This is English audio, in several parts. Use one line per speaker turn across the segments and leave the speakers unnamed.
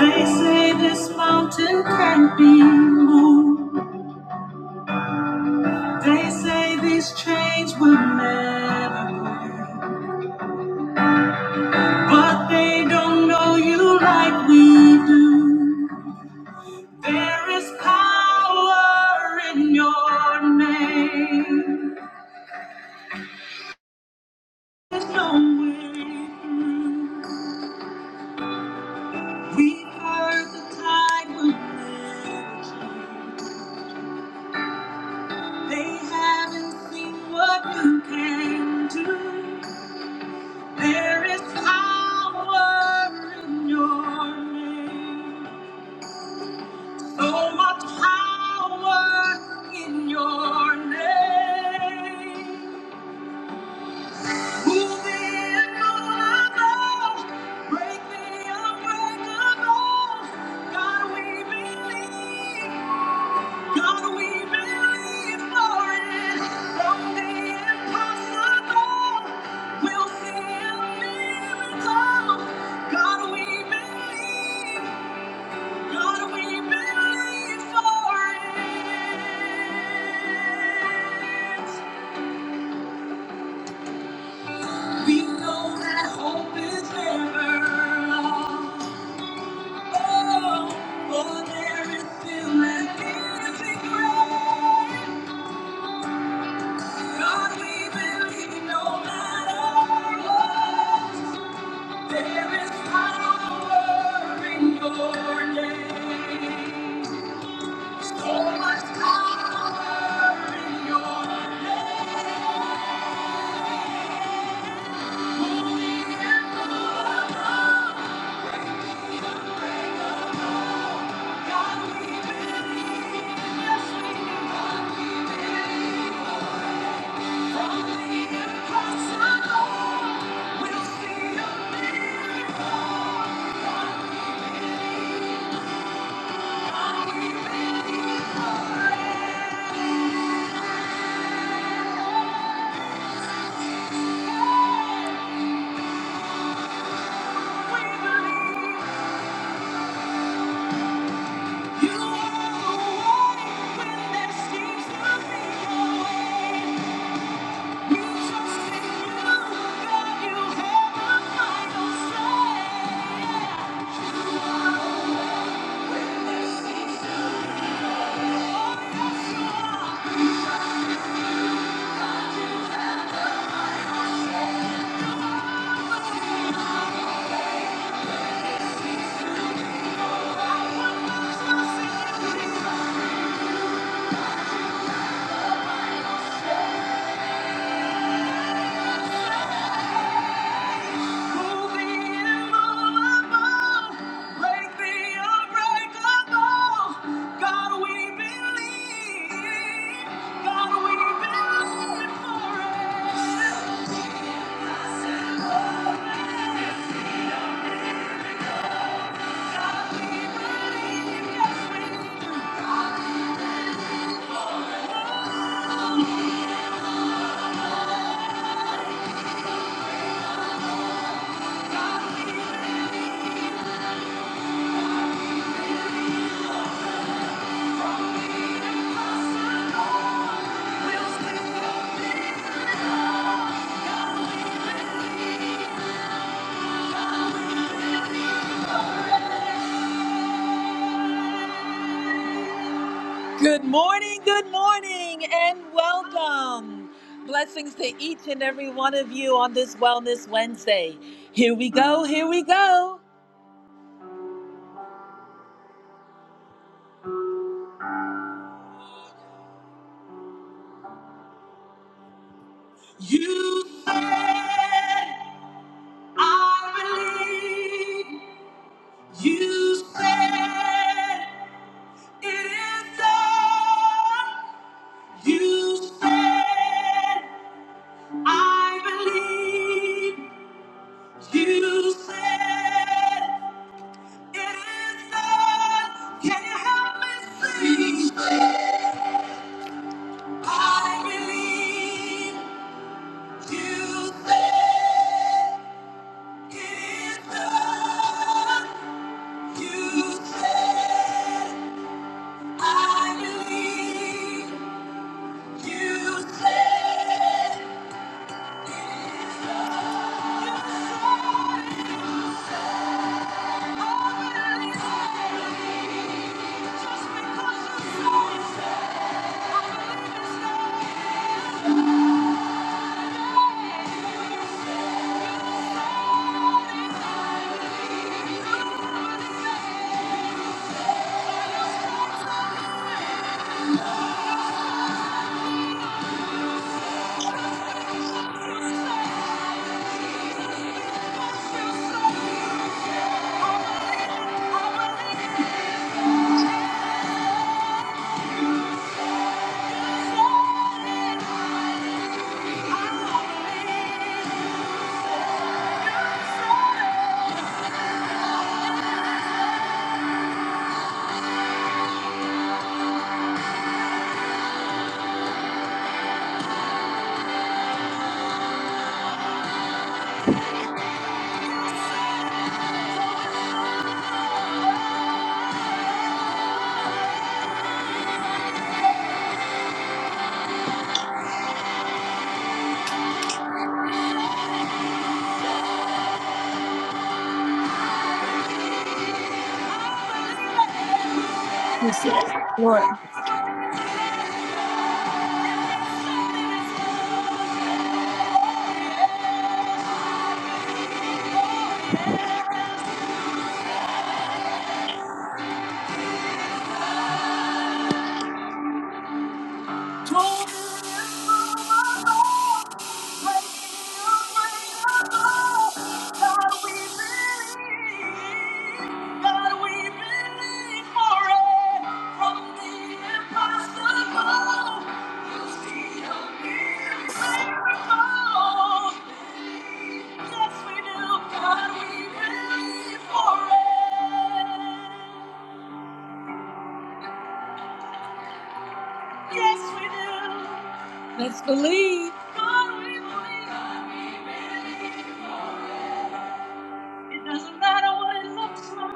They say this mountain can't be moved. They say these chains will never break. But they don't know you like we do. There is power in your name. There's no way through. We've heard the tide will. They haven't seen what you can do. There is power in your name. So much power in your name. We know that hope is never lost. God, we believe, yes, we do. God, we believe. Yeah. We'll Thank you. Good morning, good morning, and welcome. Blessings to each and every one of you on this Wellness Wednesday. Here we go, here we go. You said, I believe. You said, it is done. You said, I believe. You said, Thank you. said, I believe. said it is I believe,
Receive it,
I
Lord.
believe, I believe. Yes, we do. Let's believe. God, we believe. It doesn't matter what it looks like.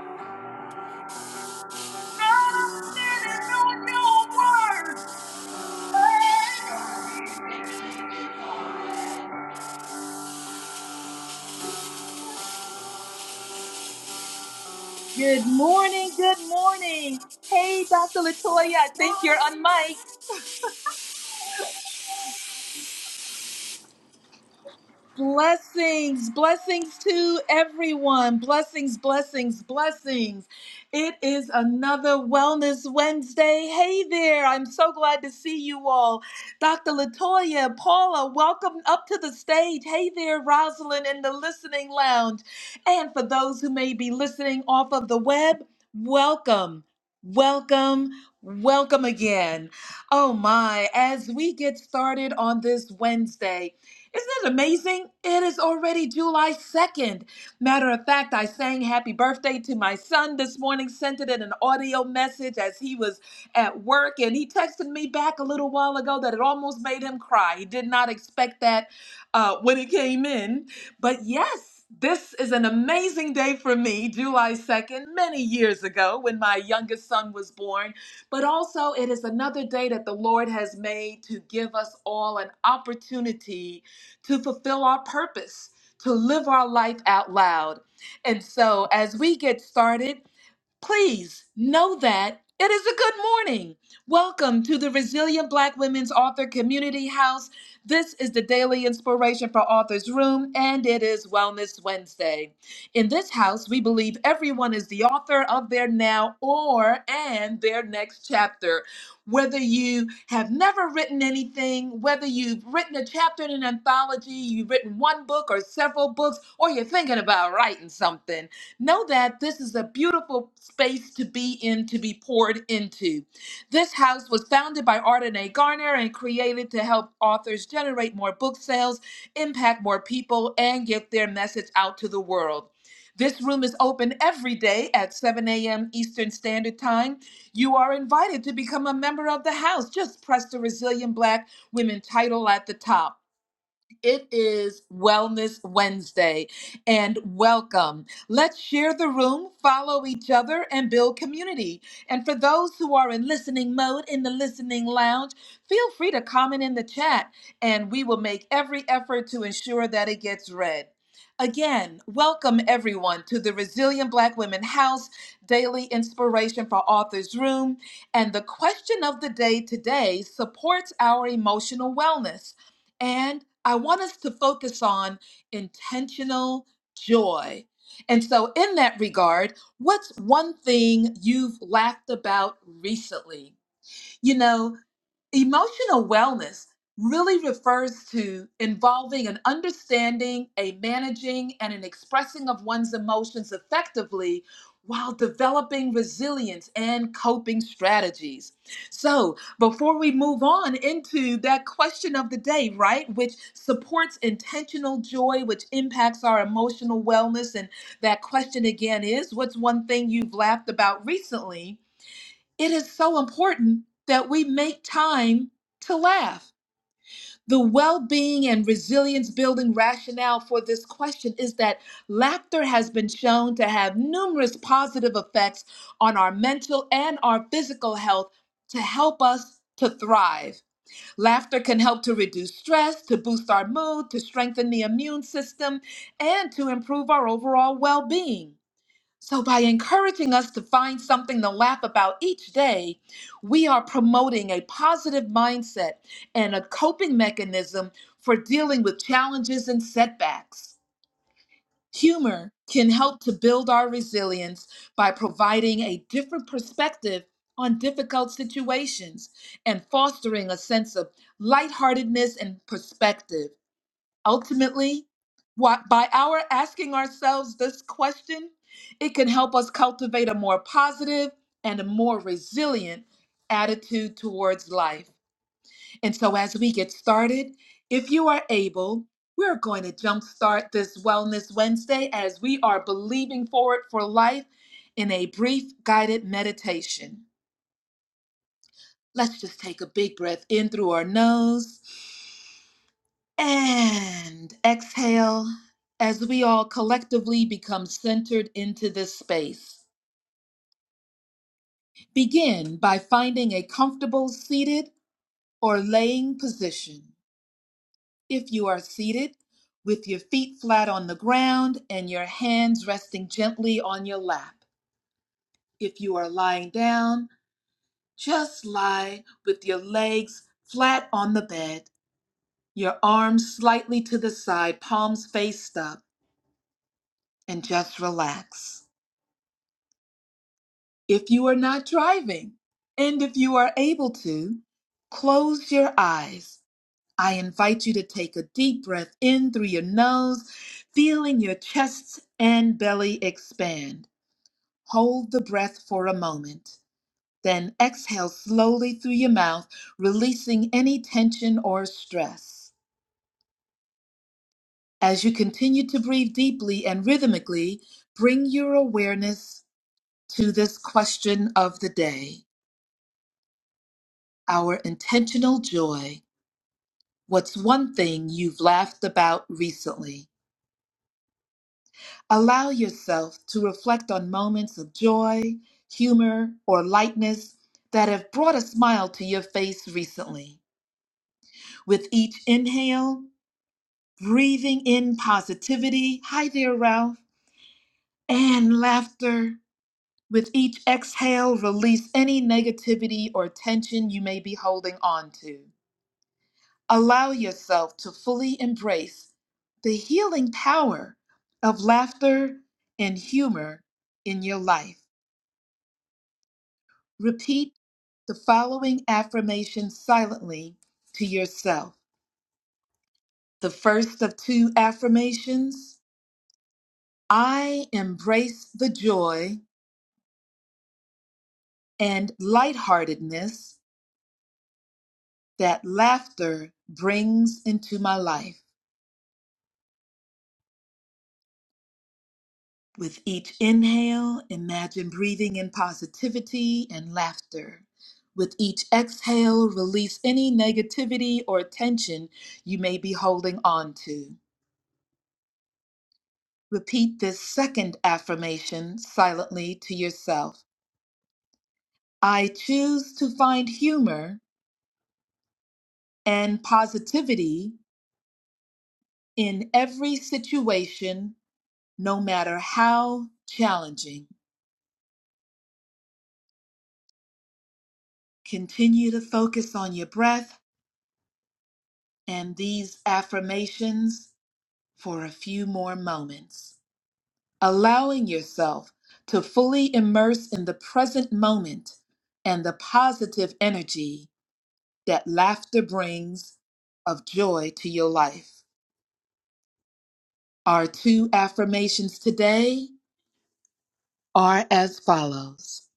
God, I'm standing on your word. Good morning, good morning. Hey, Dr. Latoya, I think you're on mic. Blessings, blessings to everyone. Blessings, blessings, blessings. It is another Wellness Wednesday. Hey there, I'm so glad to see you all. Dr. Latoya, Paula, welcome up to the stage. Hey there, Rosalind in the listening lounge. And for those who may be listening off of the web, welcome, welcome, welcome again. Oh my, as we get started on this Wednesday, isn't it amazing? It is already July 2nd. Matter of fact, I sang happy birthday to my son this morning, sent it in an audio message as he was at work, and he texted me back a little while ago that it almost made him cry. He did not expect that uh, when it came in. But yes, this is an amazing day for me, July 2nd, many years ago when my youngest son was born. But also, it is another day that the Lord has made to give us all an opportunity to fulfill our purpose, to live our life out loud. And so, as we get started, Please know that it is a good morning. Welcome to the Resilient Black Women's Author Community House. This is the daily inspiration for Authors Room, and it is Wellness Wednesday. In this house, we believe everyone is the author of their now or and their next chapter. Whether you have never written anything, whether you've written a chapter in an anthology, you've written one book or several books, or you're thinking about writing something, Know that this is a beautiful space to be in, to be poured into. This house was founded by Ardenae Garner and created to help authors generate more book sales, impact more people, and get their message out to the world. This room is open every day at 7 a.m. Eastern Standard Time. You are invited to become a member of the house. Just press the Resilient Black Women title at the top. It is Wellness Wednesday, and welcome. Let's share the room, follow each other, and build community. And for those who are in listening mode in the listening lounge, feel free to comment in the chat, and we will make every effort to ensure that it gets read. Again, welcome everyone to the Resilient Black Women House Daily Inspiration for Authors Room. And the question of the day today supports our emotional wellness. And I want us to focus on intentional joy. And so, in that regard, what's one thing you've laughed about recently? You know, Emotional wellness really refers to involving an understanding, a managing, and an expressing of one's emotions effectively while developing resilience and coping strategies. So, before we move on into that question of the day, right, which supports intentional joy, which impacts our emotional wellness, and that question again is what's one thing you've laughed about recently? it is so important that we make time to laugh. The well being and resilience building rationale for this question is that laughter has been shown to have numerous positive effects on our mental and our physical health to help us to thrive. Laughter can help to reduce stress, to boost our mood, to strengthen the immune system, and to improve our overall well being. So, by encouraging us to find something to laugh about each day, we are promoting a positive mindset and a coping mechanism for dealing with challenges and setbacks. Humor can help to build our resilience by providing a different perspective on difficult situations and fostering a sense of lightheartedness and perspective. Ultimately, what, by our asking ourselves this question, it can help us cultivate a more positive and a more resilient attitude towards life. And so, as we get started, if you are able, we're going to jumpstart this Wellness Wednesday as we are believing forward for life in a brief guided meditation. Let's just take a big breath in through our nose And exhale as we all collectively become centered into this space. Begin by finding a comfortable seated or laying position. If you are seated, with your feet flat on the ground and your hands resting gently on your lap. If you are lying down, just lie with your legs flat on the bed, your arms slightly to the side, palms faced up, and just relax. If you are not driving, and if you are able to, close your eyes. I invite you to take a deep breath in through your nose, feeling your chest and belly expand. Hold the breath for a moment. Then exhale slowly through your mouth, releasing any tension or stress. As you continue to breathe deeply and rhythmically, bring your awareness to this question of the day our intentional joy. What's one thing you've laughed about recently? Allow yourself to reflect on moments of joy, humor, or lightness that have brought a smile to your face recently. With each inhale, breathing in positivity. Hi there, Ralph. And laughter. With each exhale, release any negativity or tension you may be holding on to. Allow yourself to fully embrace the healing power of laughter and humor in your life. Repeat the following affirmation silently to yourself. The first of two affirmations I embrace the joy and lightheartedness that laughter brings into my life. With each inhale, imagine breathing in positivity and laughter. With each exhale, release any negativity or tension you may be holding on to. Repeat this second affirmation silently to yourself. I choose to find humor and positivity in every situation, no matter how challenging. Continue to focus on your breath and these affirmations for a few more moments, allowing yourself to fully immerse in the present moment and the positive energy that laughter brings of joy to your life. Our two affirmations today are as follows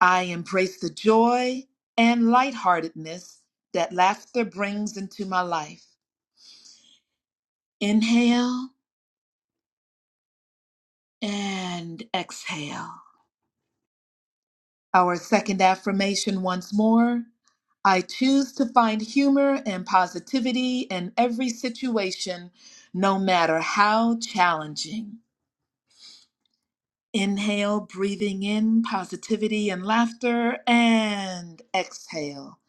I embrace the joy and lightheartedness that laughter brings into my life. Inhale and exhale. Our second affirmation once more. I choose to find humor and positivity in every situation, no matter how challenging. Inhale, breathing in positivity and laughter, and exhale,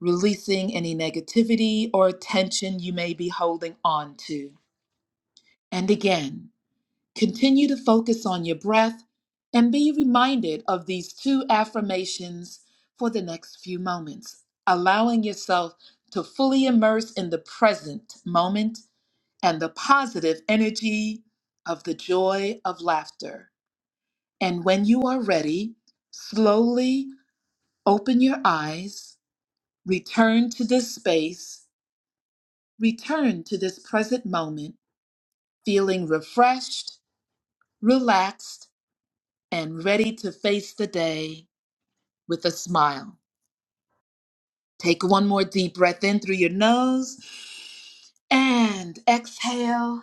releasing any negativity or tension you may be holding on to. And again. Continue to focus on your breath and be reminded of these two affirmations for the next few moments, allowing yourself to fully immerse in the present moment and the positive energy of the joy of laughter. And when you are ready, slowly open your eyes, return to this space, return to this present moment, feeling refreshed, relaxed, and ready to face the day with a smile. Take one more deep breath in through your nose and exhale.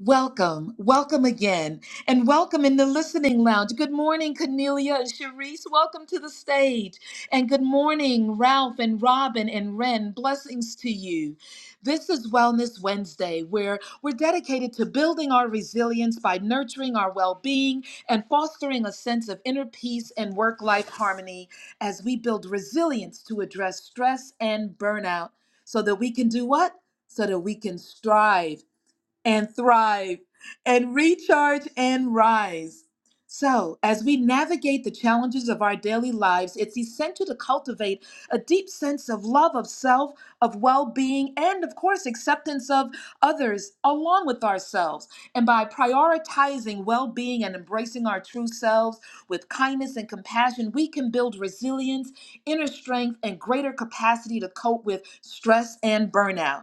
Welcome, welcome again, and welcome in the listening lounge. Good morning, Cornelia and Sharice. Welcome to the stage. And good morning, Ralph and Robin and Ren. Blessings to you. This is Wellness Wednesday, where we're dedicated to building our resilience by nurturing our well being and fostering a sense of inner peace and work life harmony as we build resilience to address stress and burnout so that we can do what? So that we can strive and thrive and recharge and rise. So, as we navigate the challenges of our daily lives, it's essential to cultivate a deep sense of love of self, of well being, and of course, acceptance of others along with ourselves. And by prioritizing well being and embracing our true selves with kindness and compassion, we can build resilience, inner strength, and greater capacity to cope with stress and burnout.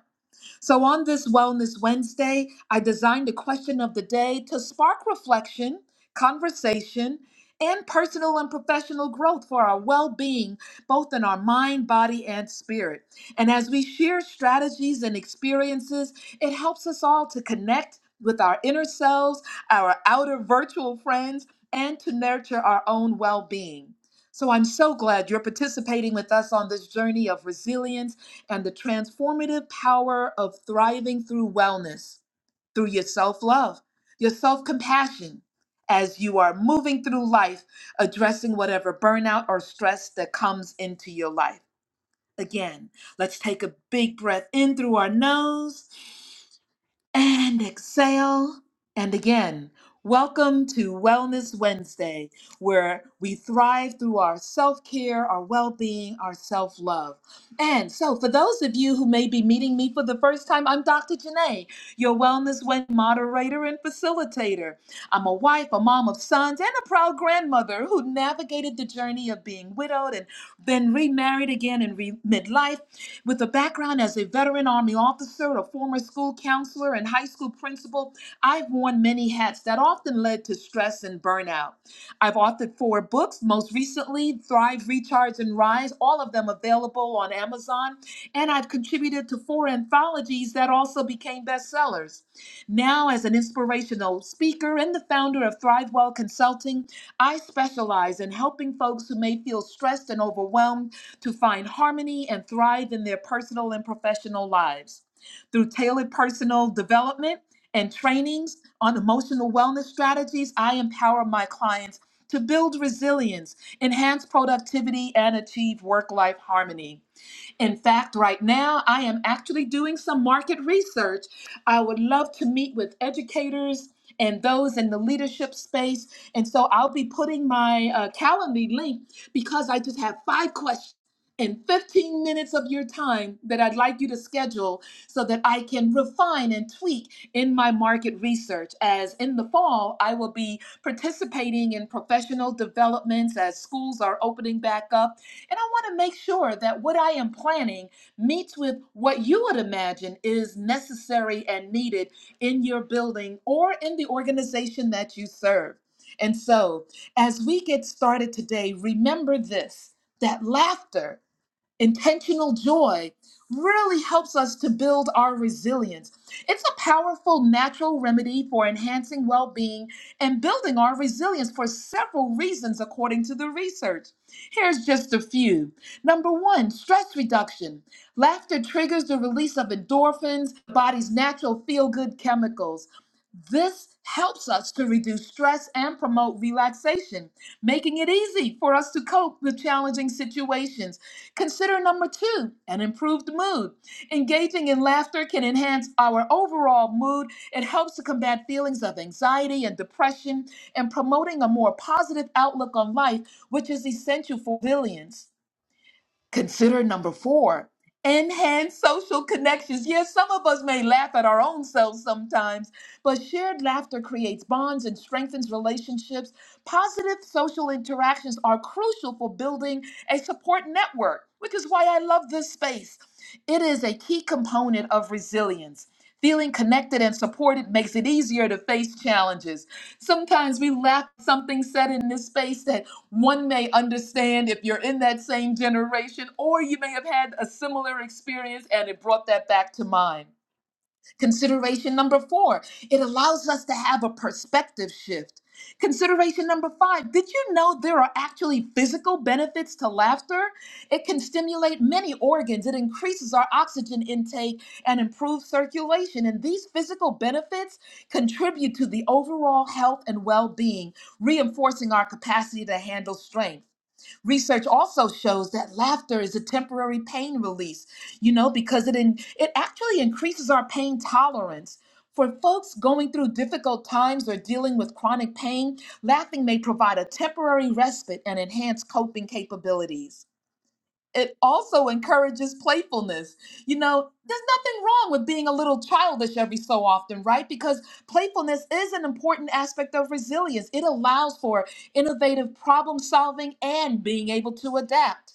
So, on this Wellness Wednesday, I designed a question of the day to spark reflection, conversation, and personal and professional growth for our well being, both in our mind, body, and spirit. And as we share strategies and experiences, it helps us all to connect with our inner selves, our outer virtual friends, and to nurture our own well being. So, I'm so glad you're participating with us on this journey of resilience and the transformative power of thriving through wellness, through your self love, your self compassion, as you are moving through life, addressing whatever burnout or stress that comes into your life. Again, let's take a big breath in through our nose and exhale. And again, welcome to Wellness Wednesday, where we thrive through our self care, our well being, our self love. And so, for those of you who may be meeting me for the first time, I'm Dr. Janae, your Wellness Wednesday moderator and facilitator. I'm a wife, a mom of sons, and a proud grandmother who navigated the journey of being widowed and then remarried again in re- midlife with a background as a veteran Army officer, a former school counselor, and high school principal, I've worn many hats that often led to stress and burnout. I've authored four books, most recently Thrive, Recharge, and Rise, all of them available on Amazon, and I've contributed to four anthologies that also became bestsellers. Now, as an inspirational speaker and the founder of Thrive Well Consulting, I specialize in helping folks who may feel stressed and overwhelmed to find harmony and thrive in their personal and professional lives. Through tailored personal development and trainings on emotional wellness strategies, I empower my clients to build resilience, enhance productivity, and achieve work life harmony. In fact, right now, I am actually doing some market research. I would love to meet with educators and those in the leadership space. And so I'll be putting my uh, Calendly link because I just have five questions. In 15 minutes of your time that I'd like you to schedule so that I can refine and tweak in my market research. As in the fall, I will be participating in professional developments as schools are opening back up and I want to make sure that what I am planning meets with what you would imagine is necessary and needed in your building or in the organization that you serve. And so, as we get started today, remember this that laughter intentional joy really helps us to build our resilience. It's a powerful natural remedy for enhancing well being and building our resilience for several reasons, according to the research. Here's just a few. Number one, stress reduction. Laughter triggers the release of endorphins, the body's natural feel good chemicals. This helps us to reduce stress and promote relaxation, making it easy for us to cope with challenging situations. Consider number two an improved mood. Engaging in laughter can enhance our overall mood. It helps to combat feelings of anxiety and depression and promoting a more positive outlook on life, which is essential for resilience. Consider number four enhance social connections. Yes, some of us may laugh at our own selves sometimes, but shared laughter creates bonds and strengthens relationships. Positive social interactions are crucial for building a support network, which is why I love this space. It is a key component of resilience. Feeling connected and supported makes it easier to face challenges. Sometimes we laugh at something said in this space that one may understand if you're in that same generation, or you may have had a similar experience and it brought that back to mind. Consideration number four, it allows us to have a perspective shift. Consideration number five, did you know there are actually physical benefits to laughter? It can stimulate many organs, it increases our oxygen intake and improves circulation. And these physical benefits contribute to the overall health and well being, reinforcing our capacity to handle strain. Research also shows that laughter is a temporary pain release, you know, because it in, it actually increases our pain tolerance. For folks going through difficult times or dealing with chronic pain, laughing may provide a temporary respite and enhance coping capabilities it also encourages playfulness. You know, there's nothing wrong with being a little childish every so often, right? Because playfulness is an important aspect of resilience. It allows for innovative problem solving and being able to adapt.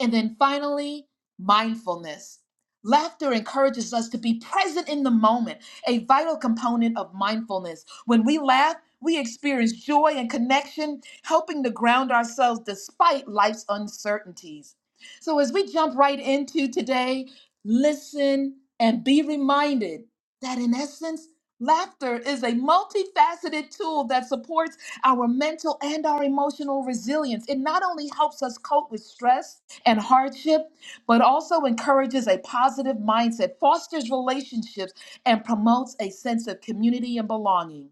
And then finally, mindfulness. Laughter encourages us to be present in the moment, a vital component of mindfulness. When we laugh, we experience joy and connection, helping to ground ourselves despite life's uncertainties. So, as we jump right into today, listen and be reminded that in essence, laughter is a multifaceted tool that supports our mental and our emotional resilience. It not only helps us cope with stress and hardship, but also encourages a positive mindset, fosters relationships, and promotes a sense of community and belonging.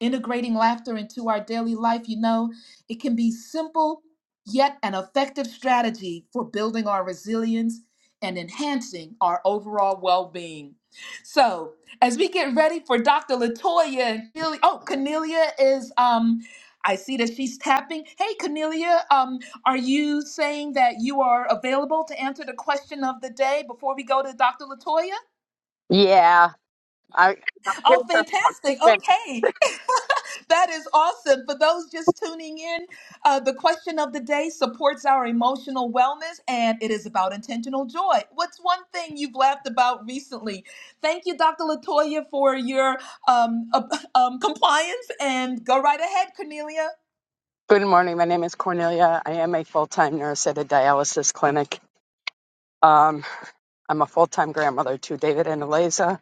Integrating laughter into our daily life, you know, it can be simple yet an effective strategy for building our resilience and enhancing our overall well being. So, as we get ready for Dr. Latoya, Cornelia- oh, Cornelia is. um. I see that she's tapping. Hey, Cornelia, um, are you saying that you are available to answer the question of the day before we go to Dr. Latoya?
Yeah. I,
Oh, fantastic. Okay. that is awesome. For those just tuning in, uh, the question of the day supports our emotional wellness and it is about intentional joy. What's one thing you've laughed about recently? Thank you, Dr. Latoya, for your um, uh, um, compliance and go right ahead, Cornelia.
good morning. My name is Cornelia. I am a full time nurse at a dialysis clinic. Um, I'm a full time grandmother to David and Eliza,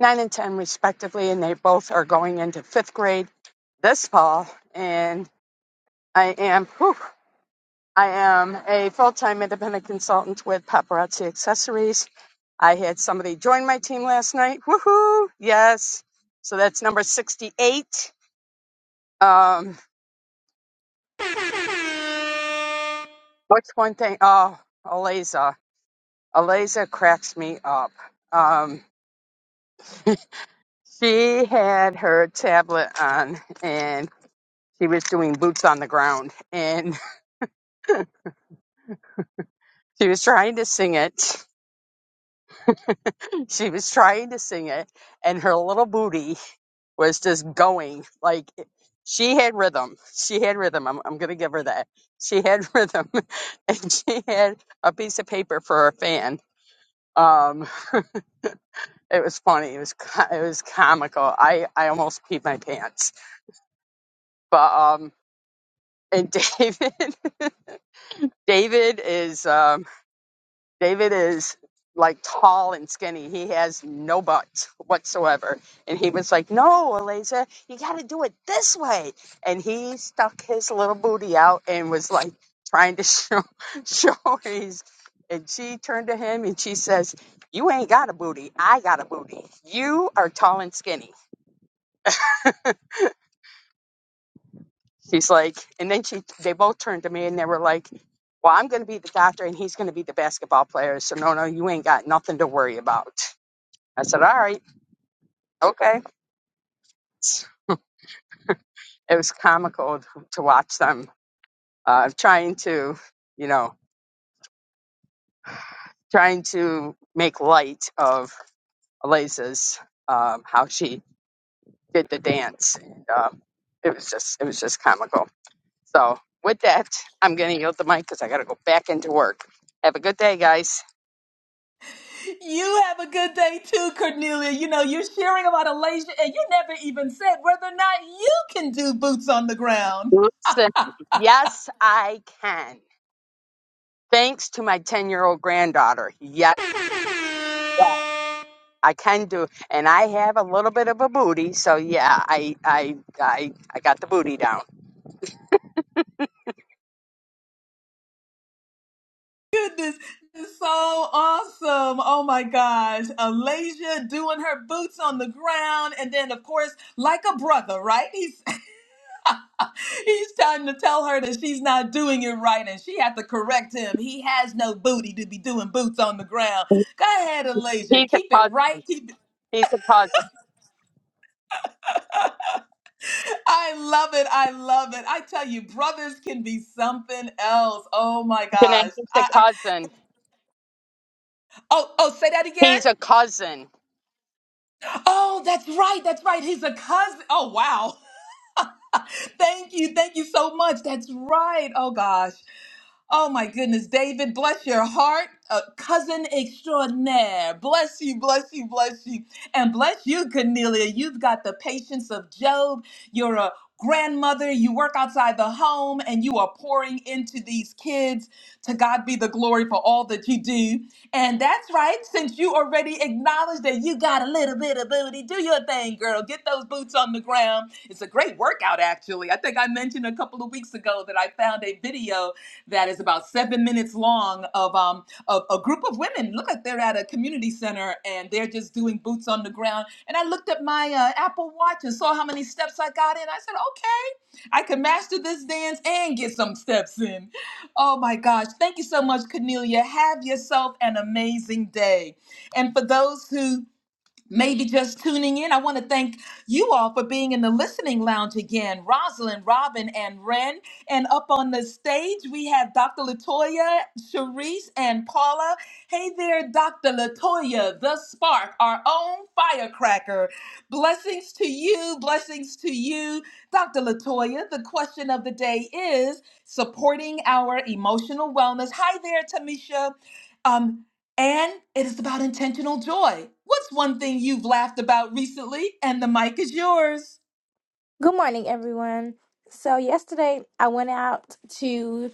nine and 10 respectively, and they both are going into fifth grade this fall. And I am, whew, I am a full time independent consultant with Paparazzi Accessories. I had somebody join my team last night. Woohoo! Yes. So that's number 68. Um, What's one thing? Oh, Aliza. Aliza cracks me up. Um, she had her tablet on and she was doing boots on the ground and she was trying to sing it. She was trying to sing it and her little booty was just going like she had rhythm. She had rhythm. I'm, I'm going to give her that. She had rhythm and she had a piece of paper for her fan. Um, It was funny. It was co- it was comical. I I almost peed my pants. But um, and David David is um David is like tall and skinny. He has no butt whatsoever. And he was like, "No, Eliza, you got to do it this way." And he stuck his little booty out and was like trying to show show his. And she turned to him and she says, "You ain't got a booty. I got a booty. You are tall and skinny." She's like, and then she, they both turned to me and they were like, well, I'm going to be the doctor and he's going to be the basketball player. So no, no, you ain't got nothing to worry about. I said, all right, okay. It was comical to watch them uh, trying to, you know, trying to make light of Eliza's um, how she did the dance. And, um, it was just, it was just comical. So with that, I'm going to yield the mic because I got to go back into work. Have a good day, guys.
You have a good day too, Cornelia. You know, you're sharing about Alasia, and you never even said whether or not you can do boots on the ground.
Listen, yes, I can. Thanks to my 10 year old granddaughter. Yes, I can do. And I have a little bit of a booty. So yeah, I, I, I, I got the booty down.
Goodness, this is so awesome. Oh my gosh. Alasia doing her boots on the ground. And then, of course, like a brother, right? He's he's trying to tell her that she's not doing it right, and she had to correct him. He has no booty to be doing boots on the ground. Go ahead, Alasia.
He's a
Keep it
cousin.
right. Keep
He's a cousin.
I love it. I love it. I tell you, brothers can be something else. Oh my gosh.
He's a
I, I
cousin.
oh oh say that again.
He's a cousin.
Oh, that's right. That's right. He's a cousin. Oh wow. Thank you. Thank you so much. That's right. Oh gosh. Oh my goodness, David, bless your heart. Uh, cousin extraordinaire. Bless you, bless you, bless you. And bless you, Cornelia. You've got the patience of Job. You're a grandmother. You work outside the home and you are pouring into these kids. To God be the glory for all that you do. And that's right, since you already acknowledged that you got a little bit of booty, do your thing, girl. Get those boots on the ground. It's a great workout, actually. I think I mentioned a couple of weeks ago that I found a video that is about seven minutes long of um of a group of women. Look like they're at a community center and they're just doing boots on the ground. And I looked at my uh, Apple Watch and saw how many steps I got in. I said, okay, I can master this dance and get some steps in. Oh my gosh! Thank you so much, Cornelia. Have yourself an amazing day. And for those who maybe just tuning in, I want to thank you all for being in the listening lounge again. Rosalind, Robin, and Ren. And up on the stage, we have Dr. Latoya, Sharice, and Paula. Hey there, Dr. Latoya, the spark, our own firecracker. Blessings to you, blessings to you, Dr. Latoya. The question of the day is supporting our emotional wellness. Hi there, Tamisha. Um, and it is about intentional joy. What's one thing you've laughed about recently? And the mic is yours.
Good morning, everyone. So, yesterday I went out to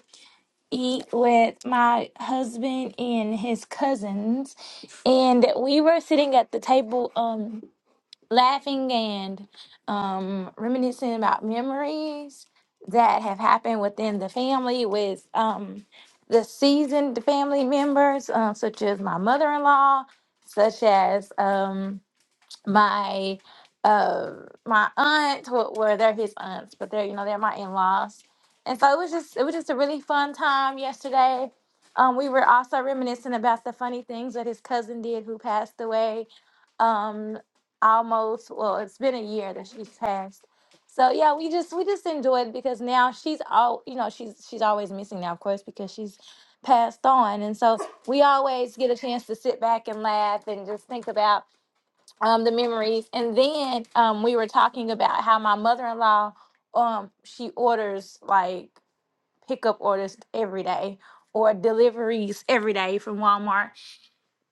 eat with my husband and his cousins, and we were sitting at the table, um, laughing and um, reminiscing about memories that have happened within the family with um, the seasoned family members, uh, such as my mother in law, such as. Um, my uh my aunt well well, they're his aunts but they're you know they're my in-laws and so it was just it was just a really fun time yesterday um we were also reminiscing about the funny things that his cousin did who passed away um almost well it's been a year that she's passed so yeah we just we just enjoyed because now she's all you know she's she's always missing now of course because she's passed on and so we always get a chance to sit back and laugh and just think about um, the memories. And then um, we were talking about how my mother in law, um, she orders like pickup orders every day or deliveries every day from Walmart.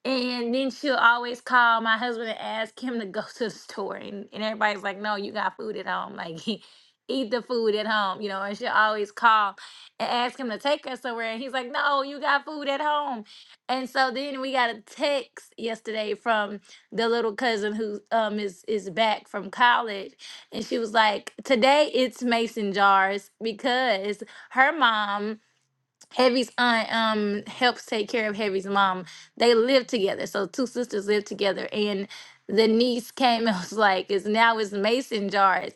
And then she'll always call my husband and ask him to go to the store. And, and everybody's like, no, you got food at home. Like, eat the food at home, you know. And she'll always call and ask him to take us somewhere. And he's like, no, you got food at home. And so then we got a text yesterday from the little cousin who um, is, is back from college. And she was like, today it's mason jars because her mom Heavy's aunt um helps take care of Heavy's mom. They live together, so two sisters live together. And the niece came and was like, "It's now it's mason jars,"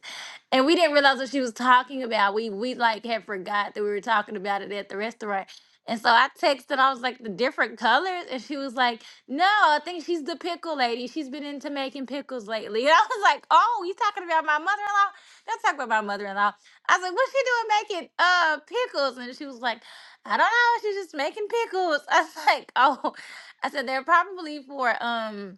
and we didn't realize what she was talking about. We we like had forgot that we were talking about it at the restaurant. And so I texted, I was like, the different colors. And she was like, no, I think she's the pickle lady. She's been into making pickles lately. And I was like, oh, you talking about my mother in law? Don't talk about my mother in law. I was like, what's she doing making uh pickles? And she was like, I don't know. She's just making pickles. I was like, oh, I said they're probably for um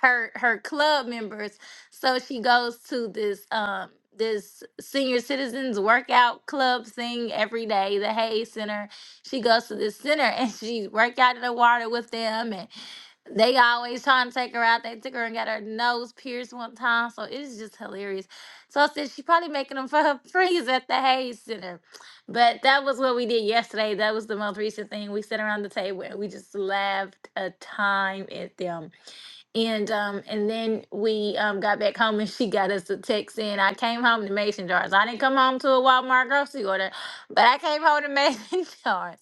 her her club members. So she goes to this um this senior citizens workout club thing every day, the Hay Center. She goes to this center and she work out in the water with them, and they always trying to take her out. They took her and got her nose pierced one time. So it's just hilarious. So I said she probably making them for her friends at the Hayes Center. But that was what we did yesterday. That was the most recent thing. We sat around the table and we just laughed a time at them. And um, and then we um, got back home and she got us a text saying I came home to mason jars. I didn't come home to a Walmart grocery order, but I came home to mason jars.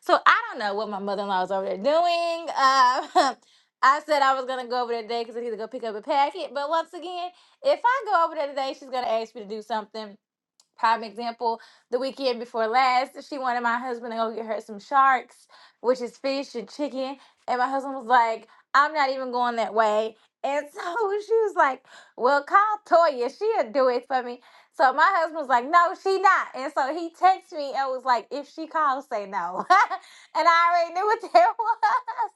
So I don't know what my mother-in-law was over there doing. Uh, I said I was gonna go over there today because I need to go pick up a packet. But once again, if I go over there today, she's gonna ask me to do something Prime example, the weekend before last, she wanted my husband to go get her some sharks, which is fish and chicken. And my husband was like, I'm not even going that way. And so she was like, Well, call Toya. She'll do it for me. So my husband was like, No, she not. And so he texted me and was like, If she calls, say no. and I already knew what that was.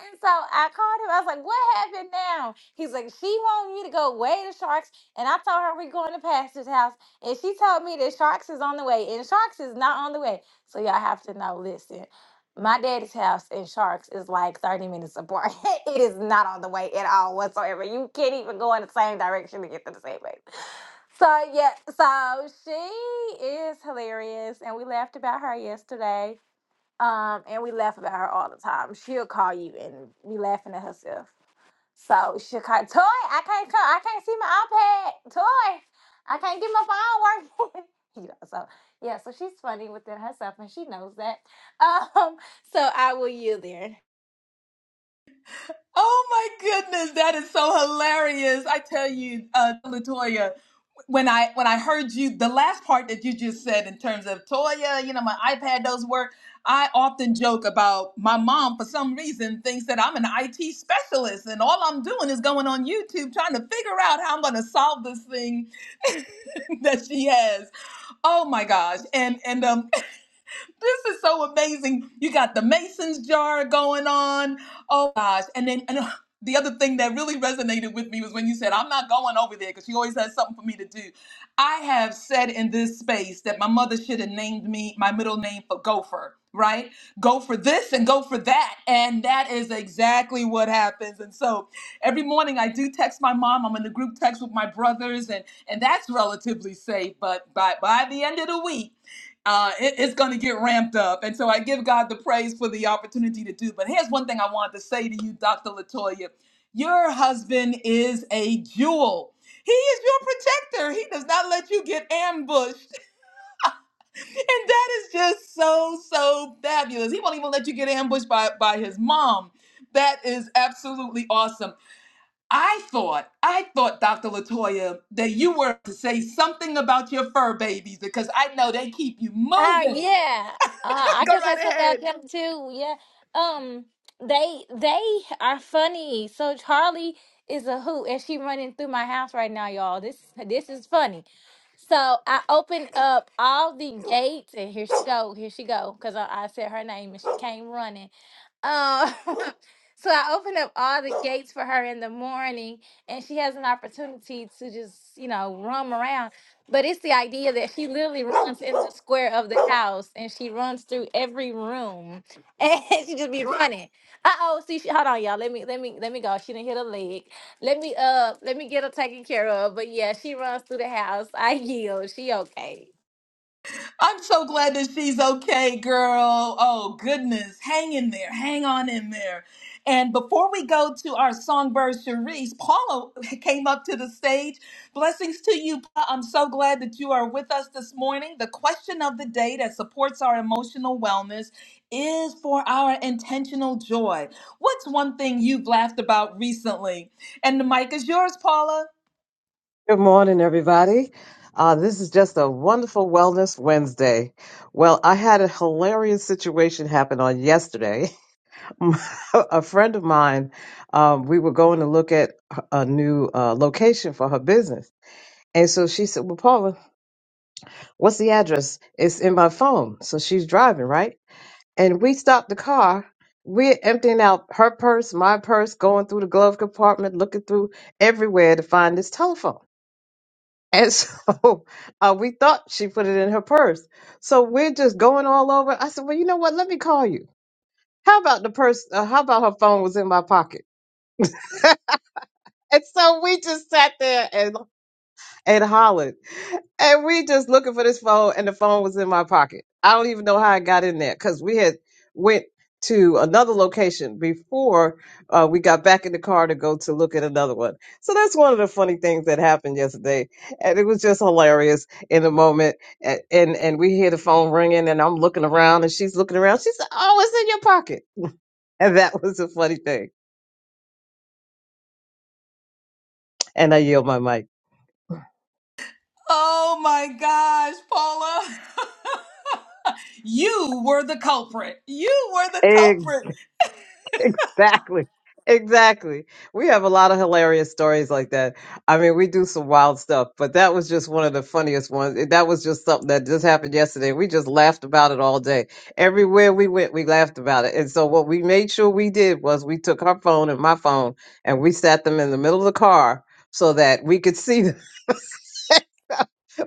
And so I called him. I was like, "What happened now?" He's like, "She wanted me to go weigh the sharks, and I told her we're going to Pastor's house." And she told me that Sharks is on the way, and Sharks is not on the way. So y'all have to know. Listen, my daddy's house and Sharks is like 30 minutes apart. it is not on the way at all whatsoever. You can't even go in the same direction to get to the same place. So yeah, so she is hilarious, and we laughed about her yesterday. Um, and we laugh about her all the time. She'll call you and be laughing at herself. So she Chicago toy, I can't come. I can't see my iPad toy. I can't get my phone working. you know, so yeah, so she's funny within herself, and she knows that. Um, so I will yield there.
Oh my goodness, that is so hilarious. I tell you, uh, Latoya, when I when I heard you the last part that you just said in terms of Toya, you know, my iPad does work. I often joke about my mom for some reason thinks that I'm an IT specialist and all I'm doing is going on YouTube trying to figure out how I'm gonna solve this thing that she has. Oh my gosh. And and um this is so amazing. You got the Mason's jar going on. Oh gosh. And then and uh, the other thing that really resonated with me was when you said, I'm not going over there because she always has something for me to do. I have said in this space that my mother should have named me my middle name for Gopher, right? Go for this and go for that. And that is exactly what happens. And so every morning I do text my mom. I'm in the group text with my brothers, and, and that's relatively safe. But by, by the end of the week, uh, it- it's going to get ramped up. And so I give God the praise for the opportunity to do. But here's one thing I wanted to say to you, Dr. Latoya. Your husband is a jewel. He is your protector. He does not let you get ambushed. And that is just so, so fabulous. He won't even let you get ambushed by, by his mom. That is absolutely awesome. I thought, I thought, Dr. Latoya, that you were to say something about your fur babies because I know they keep you
Uh,
moving.
yeah. Uh, I
Go
guess I
right
said that
ahead.
them too. Yeah. Um, they they are funny. So Charlie is a hoot, and she running through my house right now, y'all. This this is funny. So I opened up all the gates, and here she go, here she go, because I, I said her name, and she came running. Um, so I open up all the gates for her in the morning, and she has an opportunity to just, you know, roam around. But it's the idea that she literally runs in the square of the house, and she runs through every room, and she just be running. Uh oh, see, she, hold on, y'all. Let me, let me, let me go. She didn't hit a leg. Let me, uh, let me get her taken care of. But yeah, she runs through the house. I yield. She okay.
I'm so glad that she's okay, girl. Oh, goodness. Hang in there. Hang on in there. And before we go to our songbird, Cherise, Paula came up to the stage. Blessings to you. Pa. I'm so glad that you are with us this morning. The question of the day that supports our emotional wellness is for our intentional joy. What's one thing you've laughed about recently? And the mic is yours, Paula.
Good morning, everybody. Uh, this is just a wonderful Wellness Wednesday. Well, I had a hilarious situation happen on yesterday. a friend of mine, um, we were going to look at a new uh, location for her business. And so she said, Well, Paula, what's the address? It's in my phone. So she's driving, right? And we stopped the car. We're emptying out her purse, my purse, going through the glove compartment, looking through everywhere to find this telephone. And so uh, we thought she put it in her purse. So we're just going all over. I said, well, you know what? Let me call you. How about the purse? Uh, how about her phone was in my pocket? and so we just sat there and, and hollered. and we just looking for this phone and the phone was in my pocket i don't even know how i got in there because we had went to another location before uh, we got back in the car to go to look at another one so that's one of the funny things that happened yesterday and it was just hilarious in the moment and and, and we hear the phone ringing and i'm looking around and she's looking around she said oh it's in your pocket and that was a funny thing and i yield my mic
Oh my gosh, Paula. You were the culprit. You were the
Ex-
culprit.
Exactly. Exactly. We have a lot of hilarious stories like that. I mean, we do some wild stuff, but that was just one of the funniest ones. It- That was just something that just happened yesterday. We just laughed about it all day. Everywhere we went, we laughed about it. And so what we made sure we did was we took her phone and my phone and we sat them in the middle of the car so that we could see them.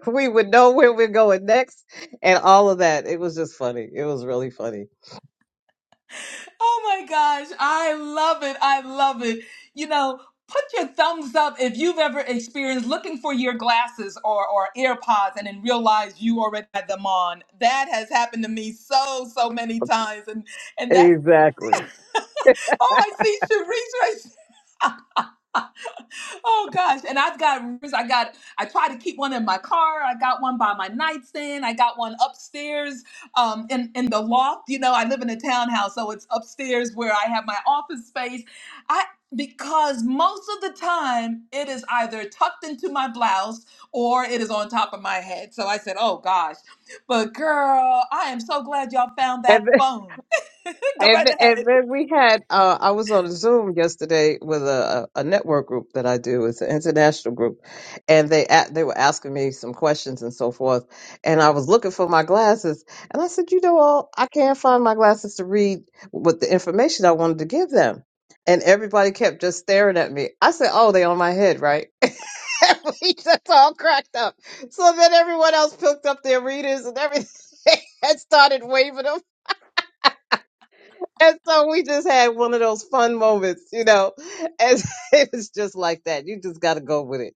we would know where we're going next and all of that. It was just funny. It was really funny.
Oh my gosh. I love it. I love it. You know, put your thumbs up if you've ever experienced looking for your glasses or, or AirPods and then realize you already had them on. That has happened to me so, so many times. And and that
Exactly.
oh, I see Sharice right Oh gosh, and I've got I got I try to keep one in my car. I got one by my nightstand. I got one upstairs um in in the loft. You know, I live in a townhouse, so it's upstairs where I have my office space. I because most of the time it is either tucked into my blouse or it is on top of my head. So I said, "Oh gosh." But girl, I am so glad y'all found that
And
phone. Go
And,
right
th-
ahead.
and then we had, uh, I was on a Zoom yesterday with a, a a network group that I do. It's an international group. And they, a- they were asking me some questions and so forth. And I was looking for my glasses. And I said, you know what? I can't find my glasses to read with the information I wanted to give them. And everybody kept just staring at me. I said, oh, they on my head, right? And we just all cracked up. So then everyone else picked up their readers and everything and started waving them. And so we just had one of those fun moments, you know. And it was just like that. You just got to go with it.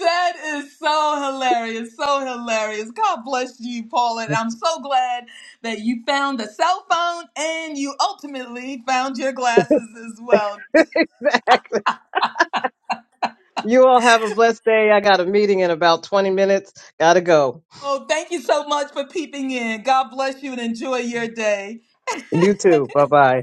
That is so hilarious, so hilarious. God bless you, Paulette. I'm so glad that you found the cell phone and you ultimately found your glasses as well.
exactly. You all have a blessed day. I got a meeting in about 20 minutes. Got to go.
Oh, thank you so much for peeping in. God bless you and enjoy your day.
You too. Bye bye.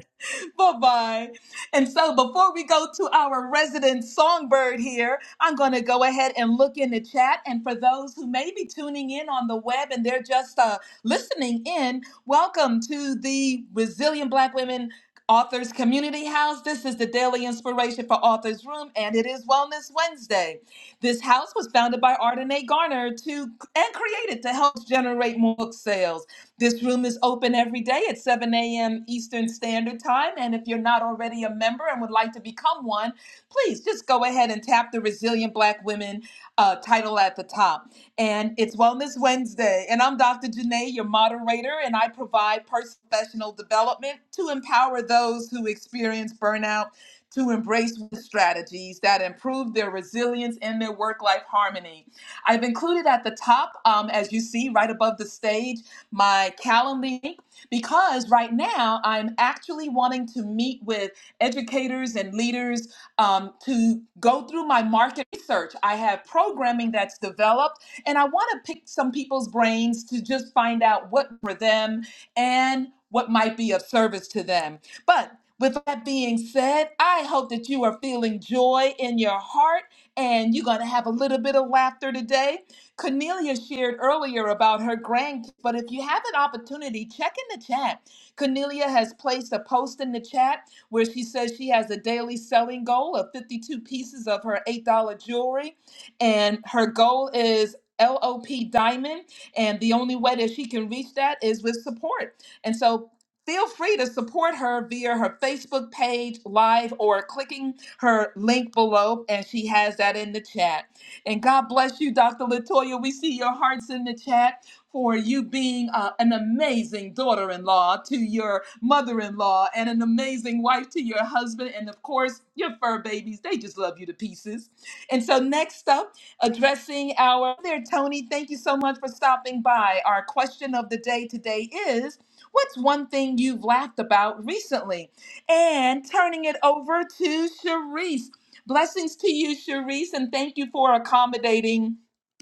Bye bye. And so, before we go to our resident songbird here, I'm going to go ahead and look in the chat. And for those who may be tuning in on the web and they're just uh, listening in, welcome to the Resilient Black Women Authors Community House. This is the daily inspiration for Authors Room, and it is Wellness Wednesday. This house was founded by Ardenae Garner to and created to help generate more book sales. This room is open every day at 7 a.m. Eastern Standard Time. And if you're not already a member and would like to become one, please just go ahead and tap the Resilient Black Women uh, title at the top. And it's Wellness Wednesday. And I'm Dr. Janae, your moderator, and I provide personal professional development to empower those who experience burnout to embrace strategies that improve their resilience and their work life harmony. I've included at the top, um, as you see right above the stage, my Calendly because right now I'm actually wanting to meet with educators and leaders um, to go through my market research. I have programming that's developed, and I want to pick some people's brains to just find out what for them and what might be of service to them. But with that being said, I hope that you are feeling joy in your heart and you're going to have a little bit of laughter today. Cornelia shared earlier about her grandkids, but if you have an opportunity, check in the chat. Cornelia has placed a post in the chat where she says she has a daily selling goal of 52 pieces of her $8 jewelry, and her goal is LOP Diamond, and the only way that she can reach that is with support. And so feel free to support her via her Facebook page, live, or clicking her link below, and she has that in the chat. And God bless you, Dr. Latoya. We see your hearts in the chat for you being uh, an amazing daughter in law to your mother in law and an amazing wife to your husband. And of course, your fur babies, they just love you to pieces. And so, next up, addressing our there, Tony, thank you so much for stopping by. Our question of the day today is What's one thing you've laughed about recently? And turning it over to Sharice. Blessings to you, Cherise, and thank you for accommodating.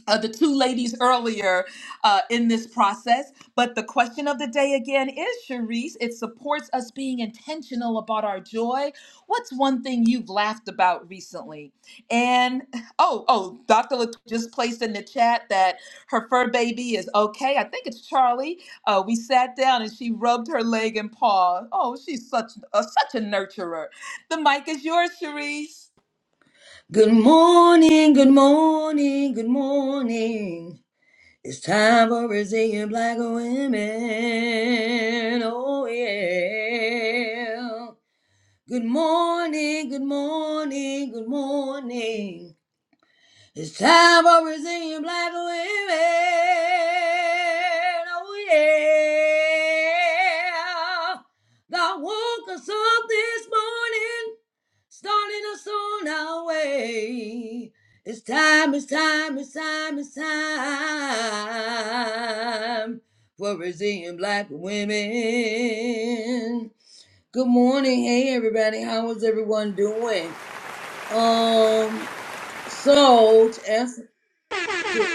Uh, the two ladies earlier uh, in this process. But the question of the day again is Cherise, it supports us being intentional about our joy. What's one thing you've laughed about recently? And oh, oh, Dr. Lat- just placed in the chat that her fur baby is okay. I think it's Charlie. Uh, we sat down and she rubbed her leg and paw. Oh, she's such a, such a nurturer. The mic is yours, Cherise.
Good morning, good morning, good morning. It's time for Brazilian black women. Oh, yeah. Good morning, good morning, good morning. It's time for Brazilian black women. Oh yeah. God woke us up this morning, starting us on our way. It's time, it's time, it's time, it's time for Brazilian black women. Good morning. Hey everybody. How is everyone doing? Um so to answer to,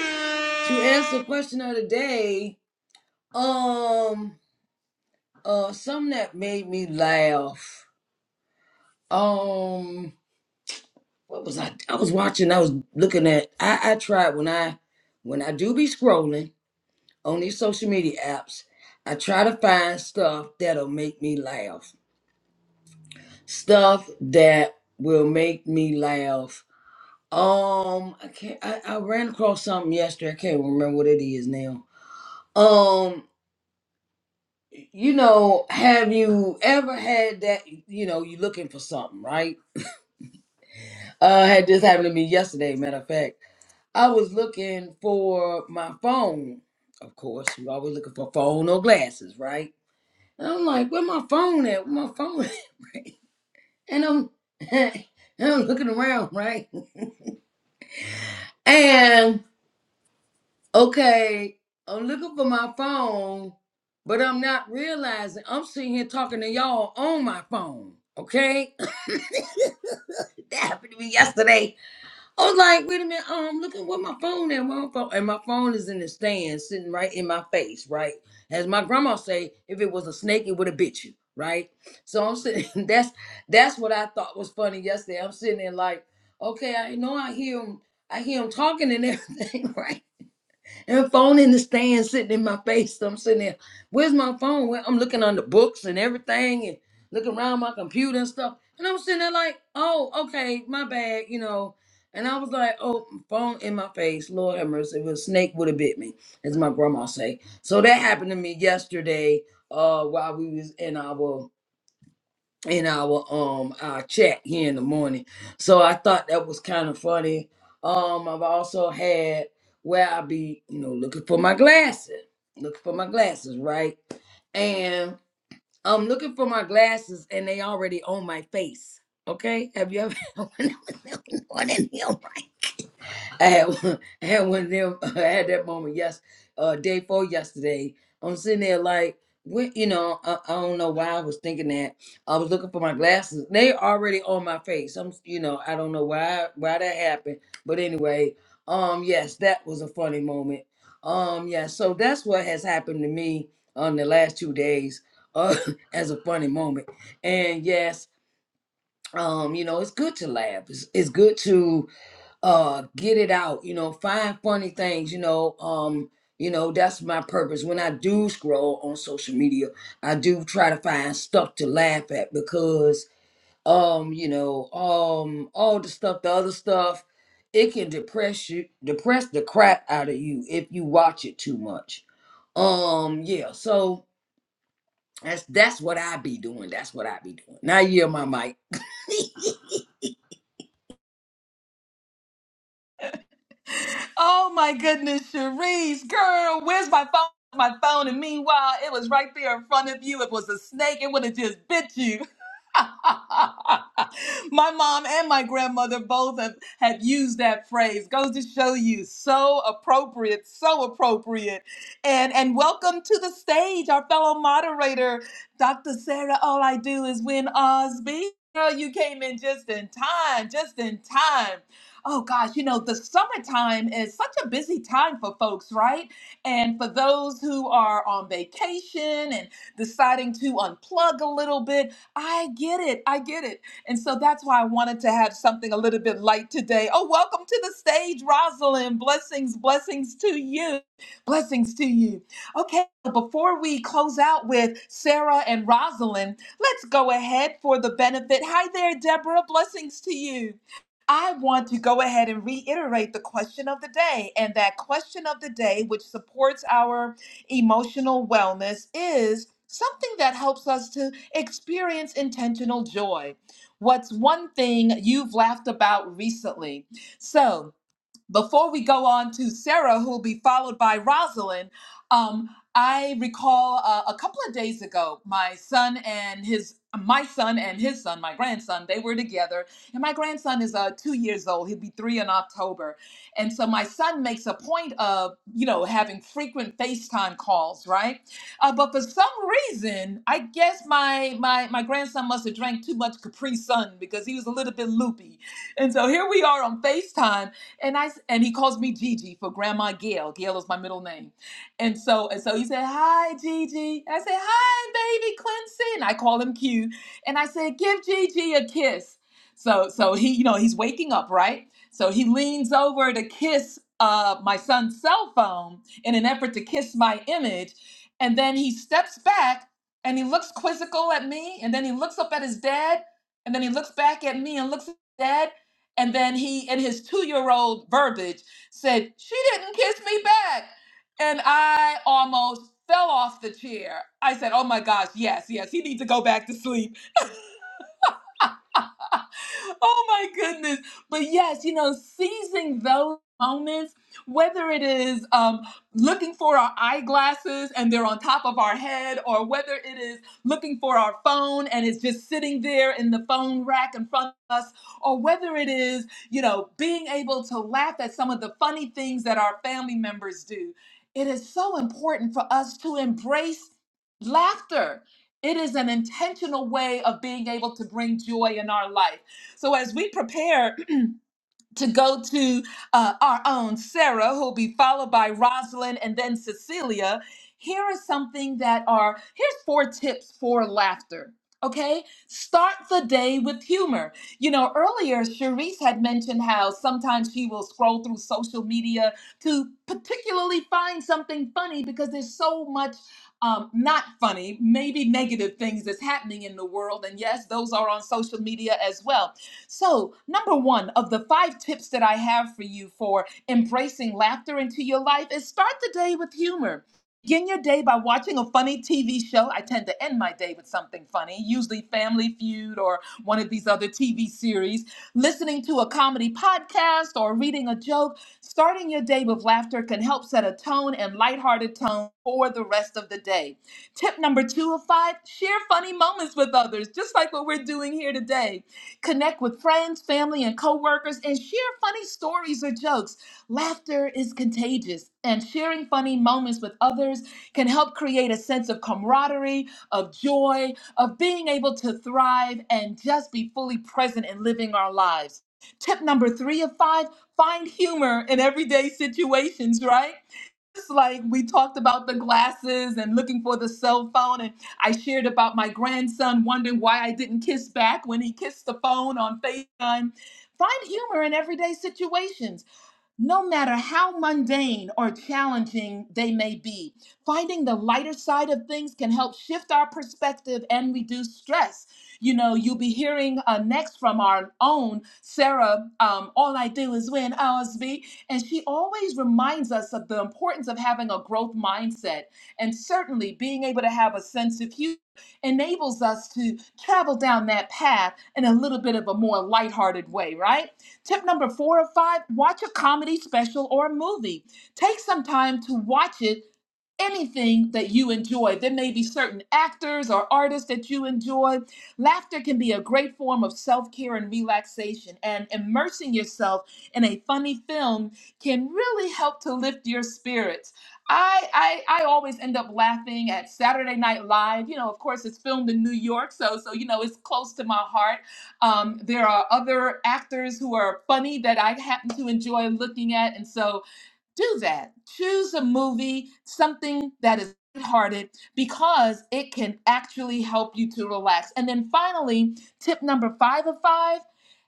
to answer the question of the day, um, uh, something that made me laugh. Um, what was I? I was watching. I was looking at. I I tried when I when I do be scrolling on these social media apps. I try to find stuff that'll make me laugh. Stuff that will make me laugh. Um, I can't. I, I ran across something yesterday. I can't remember what it is now. Um. you know, have you ever had that? You know, you looking for something, right? Uh, I had this happen to me yesterday. Matter of fact, I was looking for my phone. Of course, you always looking for phone or glasses, right? And I'm like, where my phone at? Where my phone? At? And I'm, and I'm looking around, right? And okay, I'm looking for my phone, but I'm not realizing I'm sitting here talking to y'all on my phone, okay? That happened to me yesterday. I was like, wait a minute, um, look at where my phone at, where my phone, and my phone is in the stand, sitting right in my face, right? As my grandma say, if it was a snake, it would have bit you, right? So I'm sitting. That's that's what I thought was funny yesterday. I'm sitting there like, okay, I know I hear him, I hear him talking and everything, right? And phone in the stand sitting in my face. I'm sitting there. Where's my phone? Well, I'm looking on the books and everything and looking around my computer and stuff. And I'm sitting there like, oh, okay, my bad, you know. And I was like, oh, phone in my face. Lord have mercy. If a snake would have bit me, as my grandma say. So that happened to me yesterday, uh, while we was in our in our um our chat here in the morning. So I thought that was kind of funny. Um, I've also had where I be, you know, looking for my glasses, looking for my glasses, right? And I'm looking for my glasses, and they already on my face. Okay, have you ever? when I was looking for them, I had one, I had one of them. I had that moment. Yes, uh, day four yesterday. I'm sitting there like, what? You know, I, I don't know why I was thinking that. I was looking for my glasses. They already on my face. I'm, you know, I don't know why why that happened. But anyway, um, yes, that was a funny moment. Um, yeah. So that's what has happened to me on the last two days. Uh, as a funny moment. And yes, um, you know, it's good to laugh. It's, it's good to uh get it out you know find funny things you know um you know that's my purpose when i do scroll on social media i do try to find stuff to laugh at because um you know um all the stuff the other stuff it can depress you depress the crap out of you if you watch it too much um yeah so that's that's what i be doing that's what i be doing now you're my mic
Oh my goodness, Cherise, girl, where's my phone? My phone, and meanwhile, it was right there in front of you. It was a snake, it would have just bit you. my mom and my grandmother both have, have used that phrase. Goes to show you, so appropriate, so appropriate. And and welcome to the stage, our fellow moderator, Dr. Sarah. All I do is win Osby. Girl, you came in just in time, just in time oh gosh, you know, the summertime is such a busy time for folks, right? And for those who are on vacation and deciding to unplug a little bit, I get it. I get it. And so that's why I wanted to have something a little bit light today. Oh, welcome to the stage, Rosalind. Blessings, blessings to you. Blessings to you. Okay, before we close out with Sarah and Rosalind, let's go ahead for the benefit. Hi there, Deborah. Blessings to you. I want to go ahead and reiterate the question of the day. And that question of the day, which supports our emotional wellness, is something that helps us to experience intentional joy. What's one thing you've laughed about recently? So, before we go on to Sarah, who will be followed by Rosalind, um, I recall uh, a couple of days ago, my son and his my son and his son, my grandson, they were together, and my grandson is uh, two years old. He'll be three in October, and so my son makes a point of you know having frequent FaceTime calls, right? Uh, but for some reason, I guess my my my grandson must have drank too much Capri Sun because he was a little bit loopy, and so here we are on FaceTime and I s- and he calls me Gigi for Grandma Gail. Gail is my middle name. And so and so he said, "Hi, Gigi." I said, "Hi, baby Quincy," and I call him Q. And I said, "Give Gigi a kiss." So so he you know he's waking up right. So he leans over to kiss uh, my son's cell phone in an effort to kiss my image, and then he steps back and he looks quizzical at me, and then he looks up at his dad, and then he looks back at me and looks at dad and then he, in his two year old verbiage, said, She didn't kiss me back. And I almost fell off the chair. I said, Oh my gosh, yes, yes, he needs to go back to sleep oh my goodness. But yes, you know, seizing those moments, whether it is um, looking for our eyeglasses and they're on top of our head, or whether it is looking for our phone and it's just sitting there in the phone rack in front of us, or whether it is, you know, being able to laugh at some of the funny things that our family members do. It is so important for us to embrace laughter. It is an intentional way of being able to bring joy in our life. So as we prepare to go to uh, our own Sarah, who'll be followed by Rosalind and then Cecilia, here is something that are here's four tips for laughter. Okay, start the day with humor. You know, earlier Cherise had mentioned how sometimes she will scroll through social media to particularly find something funny because there's so much um, not funny, maybe negative things that's happening in the world. And yes, those are on social media as well. So, number one of the five tips that I have for you for embracing laughter into your life is start the day with humor. Begin your day by watching a funny TV show. I tend to end my day with something funny, usually Family Feud or one of these other TV series. Listening to a comedy podcast or reading a joke, starting your day with laughter can help set a tone and lighthearted tone for the rest of the day. Tip number two of five share funny moments with others, just like what we're doing here today. Connect with friends, family, and coworkers and share funny stories or jokes. Laughter is contagious, and sharing funny moments with others can help create a sense of camaraderie, of joy, of being able to thrive and just be fully present in living our lives. Tip number three of five find humor in everyday situations, right? It's like we talked about the glasses and looking for the cell phone and i shared about my grandson wondering why i didn't kiss back when he kissed the phone on facetime find humor in everyday situations no matter how mundane or challenging they may be, finding the lighter side of things can help shift our perspective and reduce stress. You know, you'll be hearing uh, next from our own Sarah, um, All I Do Is Win OSB, and she always reminds us of the importance of having a growth mindset. And certainly being able to have a sense of humor enables us to travel down that path in a little bit of a more lighthearted way, right? Tip number four or five watch a comedy special or a movie. Take some time to watch it anything that you enjoy. There may be certain actors or artists that you enjoy. Laughter can be a great form of self care and relaxation, and immersing yourself in a funny film can really help to lift your spirits. I, I I always end up laughing at Saturday Night Live. You know, of course, it's filmed in New York, so so you know it's close to my heart. Um, there are other actors who are funny that I happen to enjoy looking at, and so do that. Choose a movie, something that is hearted because it can actually help you to relax. And then finally, tip number 5 of 5,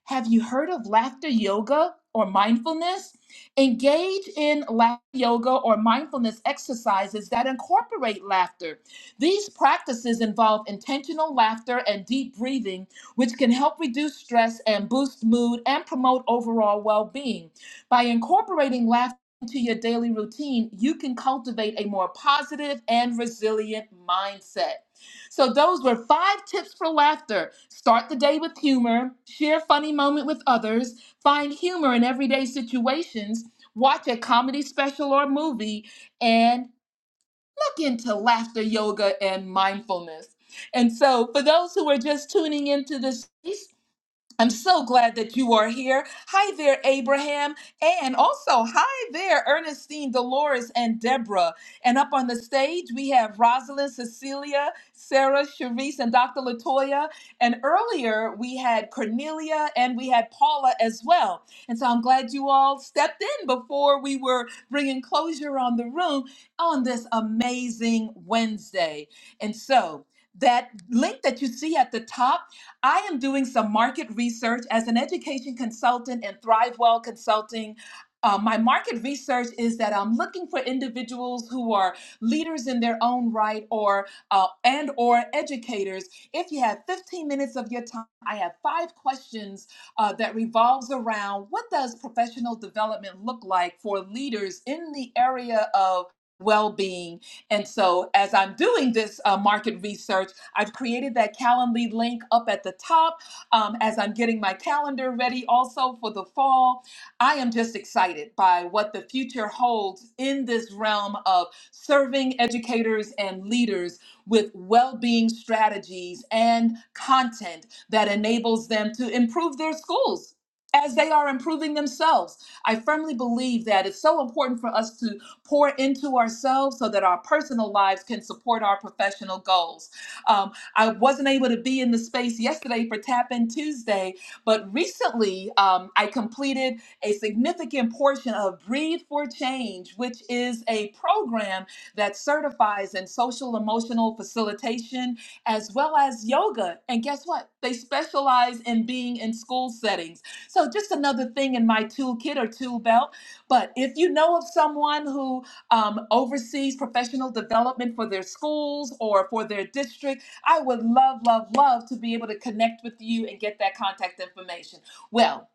have you heard of laughter yoga or mindfulness? Engage in laughter yoga or mindfulness exercises that incorporate laughter. These practices involve intentional laughter and deep breathing, which can help reduce stress and boost mood and promote overall well-being. By incorporating laughter into your daily routine, you can cultivate a more positive and resilient mindset. So, those were five tips for laughter. Start the day with humor, share a funny moment with others, find humor in everyday situations, watch a comedy special or movie, and look into laughter yoga and mindfulness. And so, for those who are just tuning into this, I'm so glad that you are here. Hi there, Abraham. And also, hi there, Ernestine, Dolores, and Deborah. And up on the stage, we have Rosalind, Cecilia, Sarah, Sharice, and Dr. Latoya. And earlier, we had Cornelia and we had Paula as well. And so I'm glad you all stepped in before we were bringing closure on the room on this amazing Wednesday. And so, that link that you see at the top, I am doing some market research as an education consultant and ThriveWell Consulting. Uh, my market research is that I'm looking for individuals who are leaders in their own right, or uh, and or educators. If you have 15 minutes of your time, I have five questions uh, that revolves around what does professional development look like for leaders in the area of well-being and so as i'm doing this uh, market research I've created that Calendly link up at the top um, as I'm getting my calendar ready also for the fall. I am just excited by what the future holds in this realm of serving educators and leaders with well being strategies and content that enables them to improve their schools. As they are improving themselves, I firmly believe that it's so important for us to pour into ourselves so that our personal lives can support our professional goals. Um, I wasn't able to be in the space yesterday for Tap In Tuesday, but recently um, I completed a significant portion of Breathe for Change, which is a program that certifies in social emotional facilitation as well as yoga. And guess what? They specialize in being in school settings. So, just another thing in my toolkit or tool belt. But if you know of someone who um, oversees professional development for their schools or for their district. I would love, love, love to be able to connect with you and get that contact information. Well,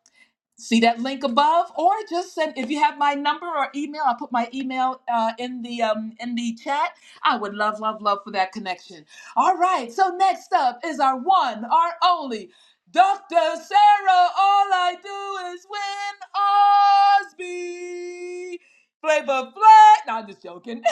see that link above or just send if you have my number or email i'll put my email uh, in the um, in the chat i would love love love for that connection all right so next up is our one our only dr sarah all i do is win osby flavor flat no i'm just joking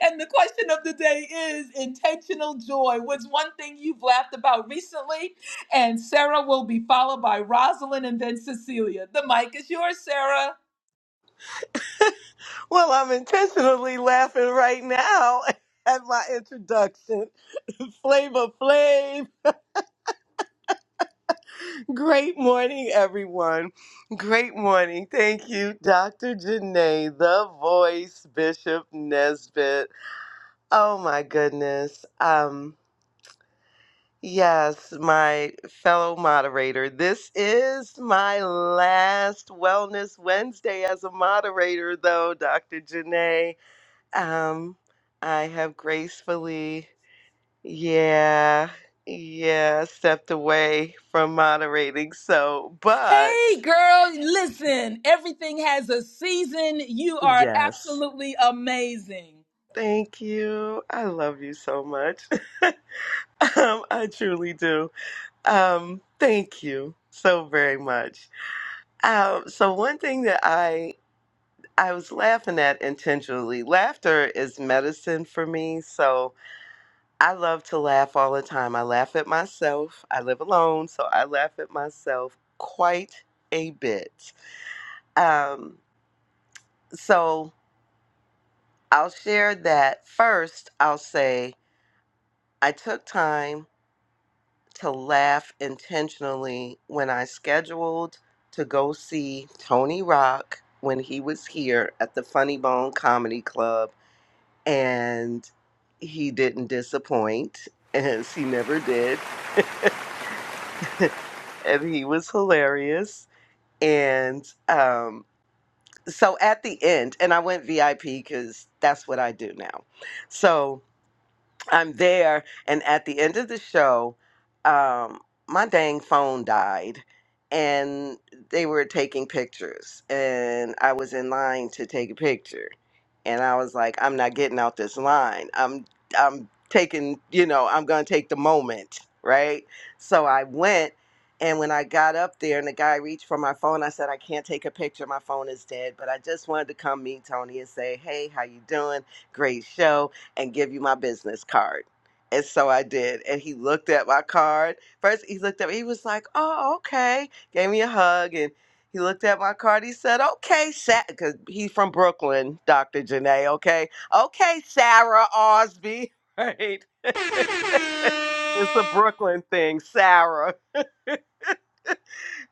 And the question of the day is intentional joy. What's one thing you've laughed about recently? And Sarah will be followed by Rosalind and then Cecilia. The mic is yours, Sarah.
Well, I'm intentionally laughing right now at my introduction. Flavor Flav, great morning, everyone. Great morning. Thank you, Dr. Janae, the voice, Bishop Nesbitt. Oh, my goodness. Um, yes, my fellow moderator, this is my last Wellness Wednesday as a moderator, though, Dr. Janae. Um, I have gracefully Yeah, yeah, stepped away from moderating. So, but
Hey, girl, listen, everything has a season. You are
yes,
absolutely amazing.
thank you. I love you so much. Um, I truly do. Um, thank you so very much. Um, so one thing that I I was laughing at intentionally. Laughter is medicine for me, so I love to laugh all the time. I laugh at myself. I live alone, so I laugh at myself quite a bit. Um, so I'll share that. First, I'll say I took time to laugh intentionally when I scheduled to go see Tony Rock when he was here at the Funny Bone Comedy Club, and he didn't disappoint, as he never did. and he was hilarious. And um, so at the end, and I went VIP because that's what I do now. So I'm there, and at the end of the show, um, my dang phone died, and they were taking pictures, and I was in line to take a picture, and I was like, I'm not getting out this line. I'm I'm taking, you know, I'm gonna take the moment, right? So I went. And when I got up there and the guy reached for my phone, I said, I can't take a picture. My phone is dead. But I just wanted to come meet Tony and say, hey, how you doing? Great show and give you my business card. And so I did. And he looked at my card. First, he looked at me. He was like, oh, okay. Gave me a hug. And he looked at my card. He said, okay, Sarah. Because he's from Brooklyn, Dr. Janae. Okay. Okay, Sarah Osby. Right. it's a Brooklyn thing, Sarah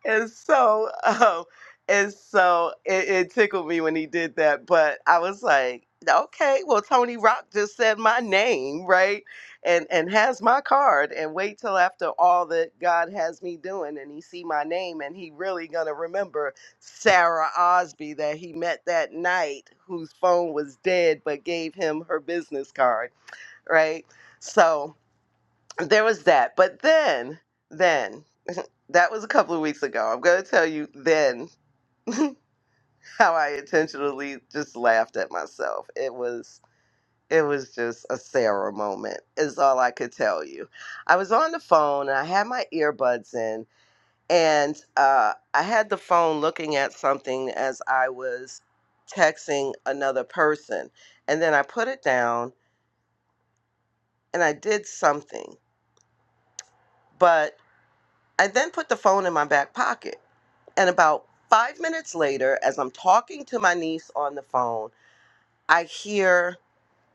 and so oh, and so it, it tickled me when he did that but i was like okay well tony rock just said my name right and and has my card and wait till after all that god has me doing and he see my name and he really gonna remember sarah osby that he met that night whose phone was dead but gave him her business card right so there was that but then then that was a couple of weeks ago. I'm going to tell you then how I intentionally just laughed at myself. It was it was just a Sarah moment. Is all I could tell you. I was on the phone and I had my earbuds in and uh, I had the phone looking at something as I was texting another person. And then I put it down and I did something. but. I then put the phone in my back pocket. And about five minutes later, as I'm talking to my niece on the phone, I hear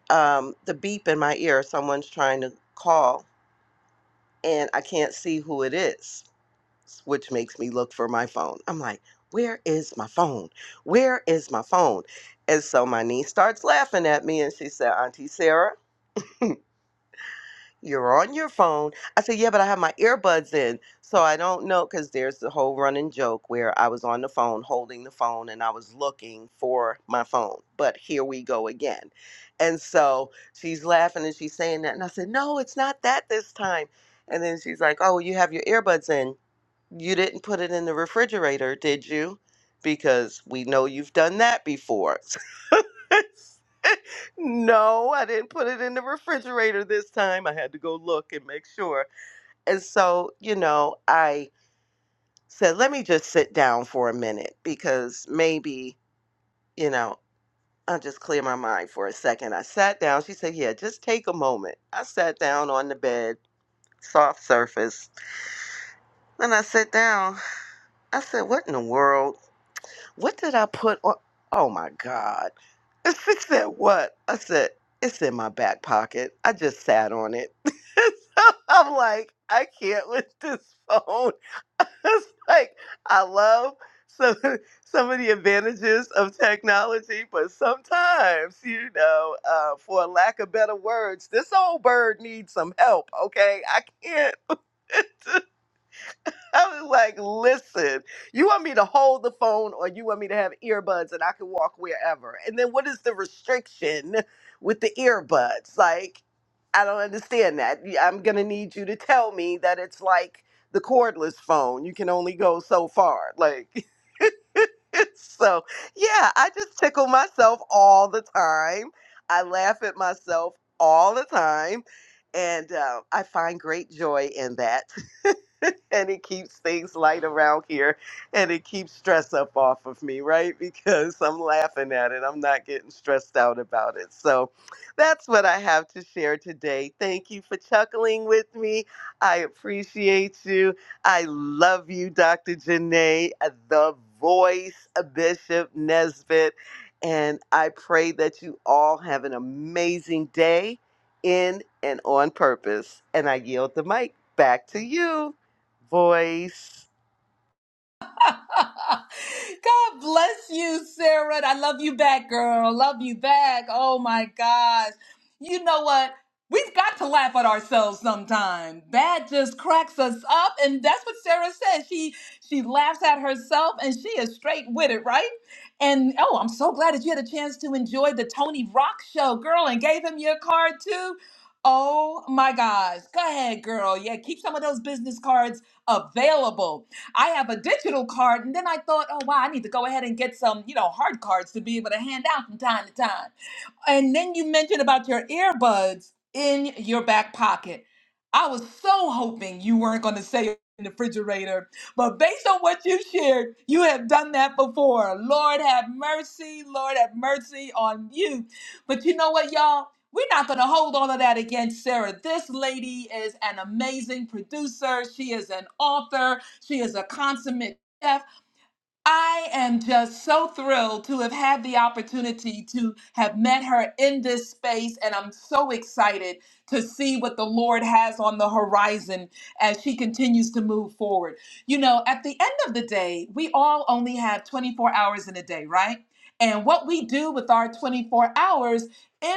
um, the beep in my ear. Someone's trying to call, and I can't see who it is, which makes me look for my phone. I'm like, where is my phone? Where is my phone? And so my niece starts laughing at me and she said, Auntie Sarah, You're on your phone. I said, Yeah, but I have my earbuds in. So I don't know because there's the whole running joke where I was on the phone holding the phone and I was looking for my phone. But here we go again. And so she's laughing and she's saying that. And I said, No, it's not that this time. And then she's like, Oh, you have your earbuds in. You didn't put it in the refrigerator, did you? Because we know you've done that before. no, I didn't put it in the refrigerator this time. I had to go look and make sure. And so, you know, I said, let me just sit down for a minute because maybe, you know, I'll just clear my mind for a second. I sat down. She said, yeah, just take a moment. I sat down on the bed, soft surface. Then I sat down. I said, what in the world? What did I put on? Oh my God. She said, What? I said, It's in my back pocket. I just sat on it. So I'm like, I can't with this phone. it's like I love some some of the advantages of technology, but sometimes, you know, uh, for lack of better words, this old bird needs some help. Okay, I can't. I was like, listen, you want me to hold the phone or you want me to have earbuds and I can walk wherever? And then what is the restriction with the earbuds? Like, I don't understand that. Y- I'm going to need you to tell me that it's like the cordless phone. You can only go so far. Like, so yeah, I just tickle myself all the time. I laugh at myself all the time, and uh, I find great joy in that. and it keeps things light around here, and it keeps stress up off of me, right? Because I'm laughing at it. I'm not getting stressed out about it. So that's what I have to share today. Thank you for chuckling with me. I appreciate you. I love you, Dr. Janae, the voice of Bishop Nesbitt. And I pray that you all have an amazing day in and on purpose. And I yield the mic back to you, voice.
God bless you, Sarah. I love you back, girl. Love you back. Oh my gosh. You know what? We've got to laugh at ourselves sometime. That just cracks us up. And that's what Sarah said. She she laughs at herself and she is straight with it, right? And oh, I'm so glad that you had a chance to enjoy the Tony Rock show, girl, and gave him your card too. Oh my gosh. Go ahead, girl. Yeah, keep some of those business cards available I have a digital card, and then I thought, oh wow, I need to go ahead and get some, you know, hard cards to be able to hand out from time to time. And then you mentioned about your earbuds in your back pocket. I was so hoping you weren't going to say it in the refrigerator, but based on what you shared, you have done that before. Lord have mercy, Lord have mercy on you. But you know what, y'all? We're not going to hold all of that against Sarah. This lady is an amazing producer. She is an author. She is a consummate chef. I am just so thrilled to have had the opportunity to have met her in this space, and I'm so excited to see what the Lord has on the horizon as she continues to move forward. You know, at the end of the day, we all only have 24 hours in a day, right? And what we do with our 24 hours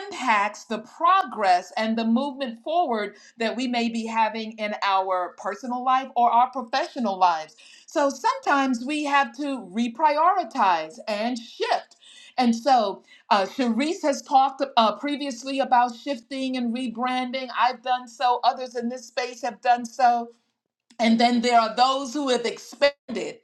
impacts the progress and the movement forward that we may be having in our personal life or our professional lives. So sometimes we have to reprioritize and shift. And so uh, Sharice has talked uh, previously about shifting and rebranding. I've done so. Others in this space have done so and then there are those who have expanded,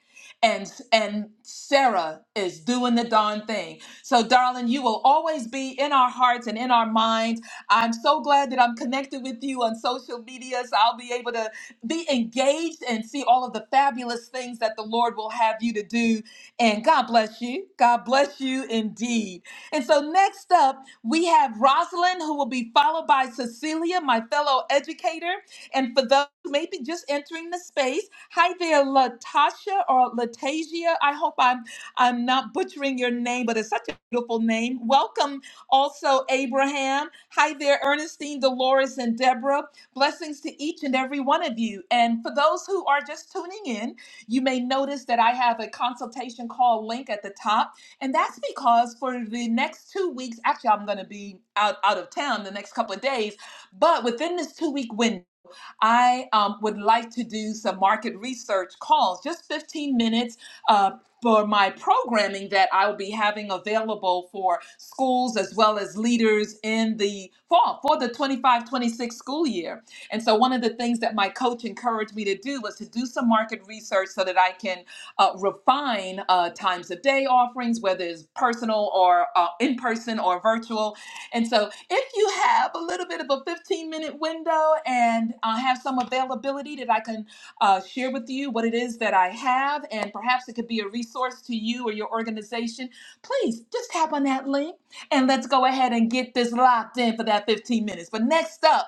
and and Sarah is doing the darn thing. So, darling, you will always be in our hearts and in our minds. I'm so glad that I'm connected with you on social media, so I'll be able to be engaged and see all of the fabulous things that the Lord will have you to do. And God bless you. God bless you indeed. And so, next up, we have Rosalind, who will be followed by Cecilia, my fellow educator. And for those who may be just entering the space, hi there, Latasha or Latasia. I hope I'm I'm not butchering your name, but it's such a beautiful name. Welcome also, Abraham. Hi there, Ernestine, Dolores, and Deborah. Blessings to each and every one of you. And for those who are just tuning in, you may notice that I have a consultation call link at the top. And that's because for the next two weeks, actually, I'm going to be out, out of town the next couple of days. But within this two week window, I um, would like to do some market research calls, just 15 minutes. Uh, for my programming that I will be having available for schools as well as leaders in the fall for the 25 26 school year. And so, one of the things that my coach encouraged me to do was to do some market research so that I can uh, refine uh, times of day offerings, whether it's personal or uh, in person or virtual and so, if you have a little bit of a 15 minute window and uh, have some availability that I can uh, share with you what it is that I have, and perhaps it could be a resource to you or your organization, please just tap on that link and let's go ahead and get this locked in for that 15 minutes. But next up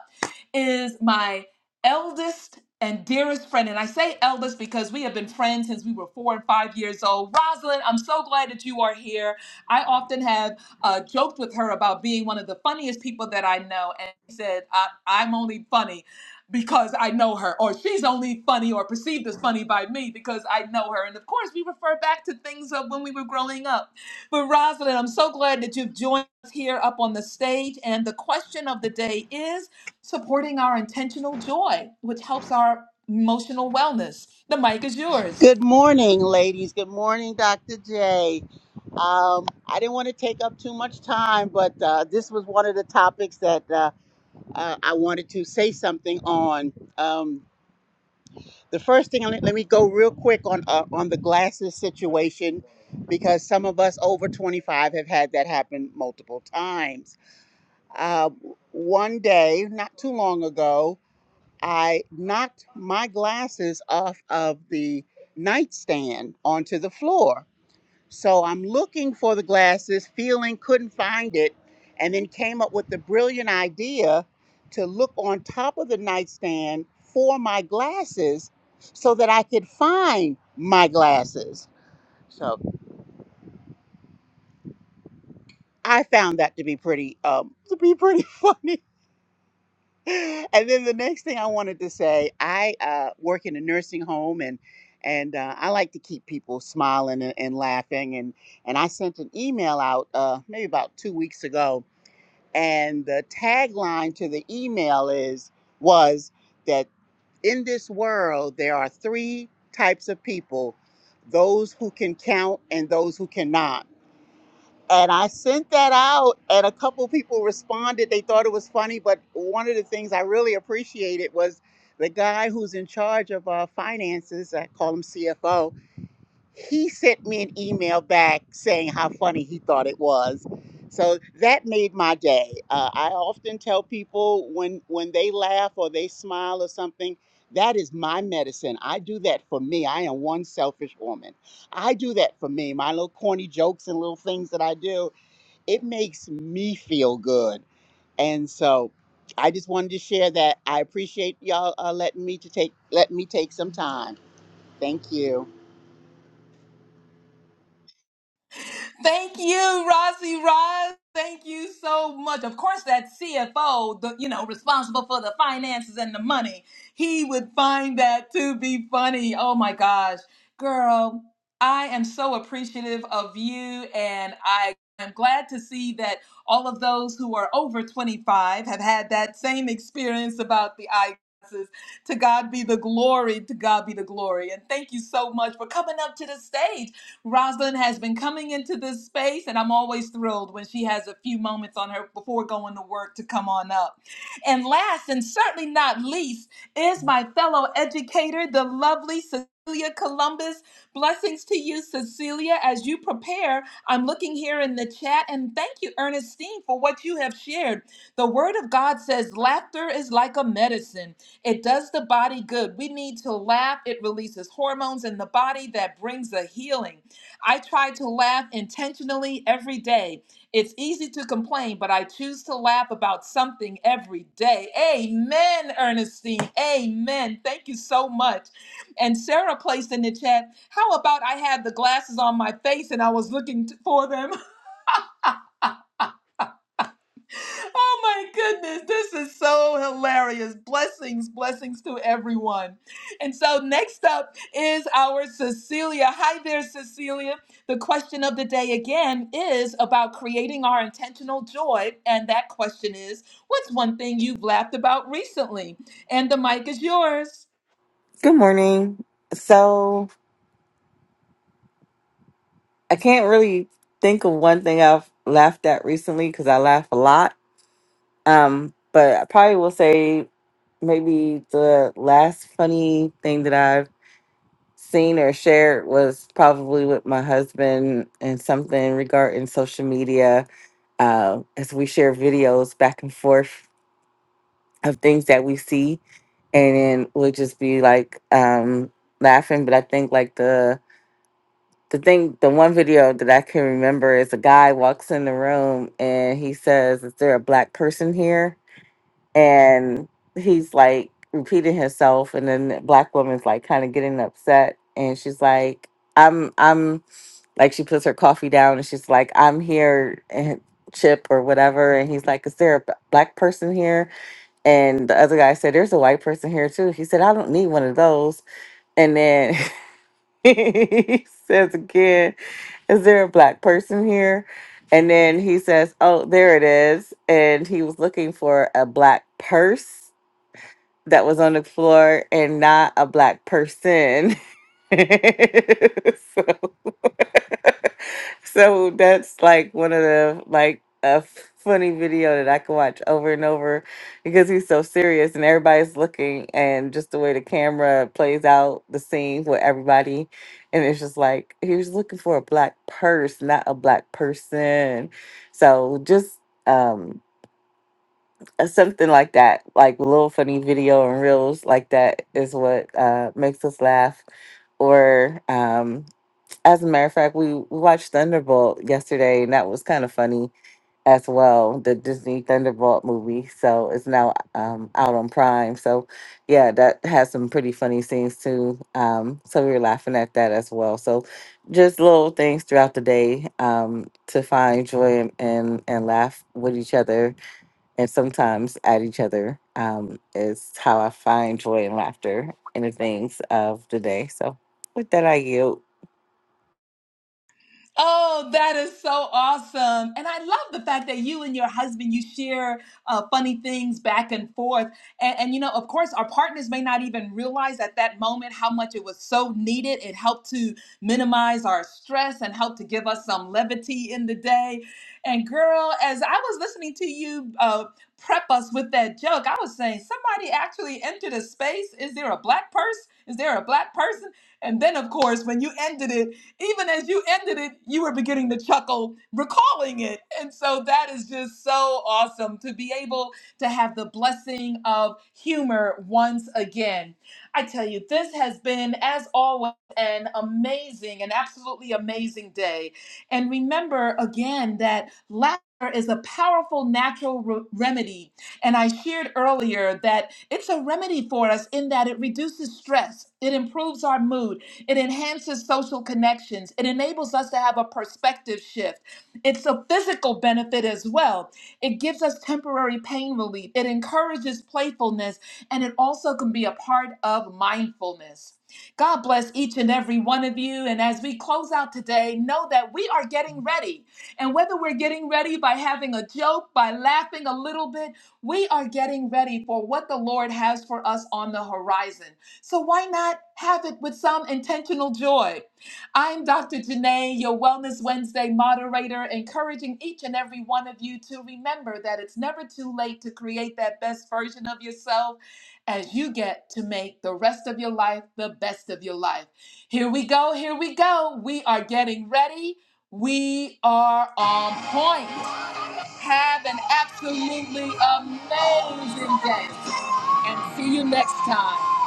is my eldest and dearest friend. And I say eldest because we have been friends since we were four and five years old. Rosalind, I'm so glad that you are here. I often have uh, joked with her about being one of the funniest people that I know, and she said, I, "I'm only funny because I know her," or "She's only funny or perceived as funny by me because I know her." And of course, we refer back to things of when we were growing up. But Rosalind, I'm so glad that you've joined us here up on the stage. And the question of the day is supporting our intentional joy, which helps our emotional wellness. The mic is yours.
Good morning, ladies. Good morning, Dr. J. Um, I didn't want to take up too much time, but uh, this was one of the topics that uh, uh, I wanted to say something on. Um, the first thing, let let me go real quick on uh, on the glasses situation, because some of us over 25 have had that happen multiple times. Uh, one day, not too long ago, I knocked my glasses off of the nightstand onto the floor so I'm looking for the glasses, feeling couldn't find it, and then came up with the brilliant idea to look on top of the nightstand for my glasses so that I could find my glasses. So I found that to be pretty um, to be pretty funny. And then the next thing I wanted to say, I uh, work in a nursing home and and uh, I like to keep people smiling and, and laughing. And, and I sent an email out uh, maybe about two weeks ago and the tagline to the email is was that in this world there are three types of people those who can count and those who cannot and i sent that out and a couple people responded they thought it was funny but one of the things i really appreciated was the guy who's in charge of our finances i call him cfo he sent me an email back saying how funny he thought it was. So that made my day. Uh, I often tell people when when they laugh or they smile or something, that is my medicine. I do that for me. I am one selfish woman. I do that for me. My little corny jokes and little things that I do, it makes me feel good. And so I just wanted to share that. I appreciate y'all uh, letting me to take letting me take some time. Thank you.
Thank you, Rossi Roz. Thank you so much. Of course, that CFO, the you know, responsible for the finances and the money, he would find that to be funny. Oh my gosh. Girl, I am so appreciative of you and I am glad to see that all of those who are over 25 have had that same experience about the eye glasses. To God be the glory, to God be the glory. And thank you so much for coming up to the stage Rosalind has been coming into this space, and I'm always thrilled when she has a few moments on her before going to work to come on up. And last and certainly not least is my fellow educator, the lovely Cecilia Columbus. Blessings to you, Cecilia, as you prepare. I'm looking here in the chat, and thank you, Ernestine, for what you have shared. The Word of God says laughter is like a medicine. It does the body good. We need to laugh. It releases hormones in the body that brings a healing. I try to laugh intentionally every day. It's easy to complain, but I choose to laugh about something every day. Amen, Ernestine. Amen. Thank you so much. And Sarah placed in the chat, how about I had the glasses on my face and I was looking t- for them? Oh my goodness, this is so hilarious. Blessings, blessings to everyone. And so next up is our Cecilia. Hi there, Cecilia. The question of the day again is about creating our intentional joy. And that question is what's one thing you've laughed about recently? And the mic is yours.
Good morning. So I can't really think of one thing I've laughed at recently because I laugh a lot. Um, but I probably will say maybe the last funny thing that I've seen or shared was probably with my husband and something regarding social media. Uh, as we share videos back and forth of things that we see, and then we'll just be like um, laughing. But I think like the the thing the one video that I can remember is a guy walks in the room and he says, Is there a black person here? And he's like repeating himself and then the black woman's like kind of getting upset and she's like, I'm I'm like she puts her coffee down and she's like, I'm here and chip or whatever and he's like, Is there a b- black person here? And the other guy said, There's a white person here too. He said, I don't need one of those and then he says again is there a black person here? And then he says, oh, there it is. And he was looking for a black purse that was on the floor and not a black person. so So that's like one of the like a funny video that I can watch over and over because he's so serious and everybody's looking and just the way the camera plays out the scene with everybody and it's just like he was looking for a black purse, not a black person. So just um uh, something like that, like a little funny video and reels like that is what uh makes us laugh or um as a matter of fact, we we watched Thunderbolt yesterday, and that was kind of funny as well. The Disney Thunderbolt movie, so it's now um, out on Prime. So, yeah, that has some pretty funny scenes too. Um, so we were laughing at that as well. So, just little things throughout the day um, to find joy and, and and laugh with each other, and sometimes at each other um, is how I find joy and laughter in the things of the day. So, with that, I yield.
Oh, that is so awesome. And I love the fact that you and your husband, you share uh, funny things back and forth. And, and, you know, of course, our partners may not even realize at that moment how much it was so needed. It helped to minimize our stress and helped to give us some levity in the day. And, girl, as I was listening to you uh, prep us with that joke, I was saying, somebody actually entered a space. Is there a black person? Is there a black person? And then, of course, when you ended it, even as you ended it, you were beginning to chuckle, recalling it. And so that is just so awesome to be able to have the blessing of humor once again. I tell you, this has been, as always, an amazing, an absolutely amazing day. And remember again that laughter is a powerful natural re- remedy. And I shared earlier that it's a remedy for us in that it reduces stress, it improves our mood, it enhances social connections. It enables us to have a perspective shift. It's a physical benefit as well. It gives us temporary pain relief. It encourages playfulness, and it also can be a part of mindfulness. God bless each and every one of you. And as we close out today, know that we are getting ready. And whether we're getting ready by having a joke, by laughing a little bit, we are getting ready for what the Lord has for us on the horizon. So why not have it with some intentional joy? I'm Dr. Janae, your Wellness Wednesday moderator, encouraging each and every one of you to remember that it's never too late to create that best version of yourself as you get to make the rest of your life the best of your life. Here we go, here we go. We are getting ready. We are on point. Have an absolutely amazing day and see you next time.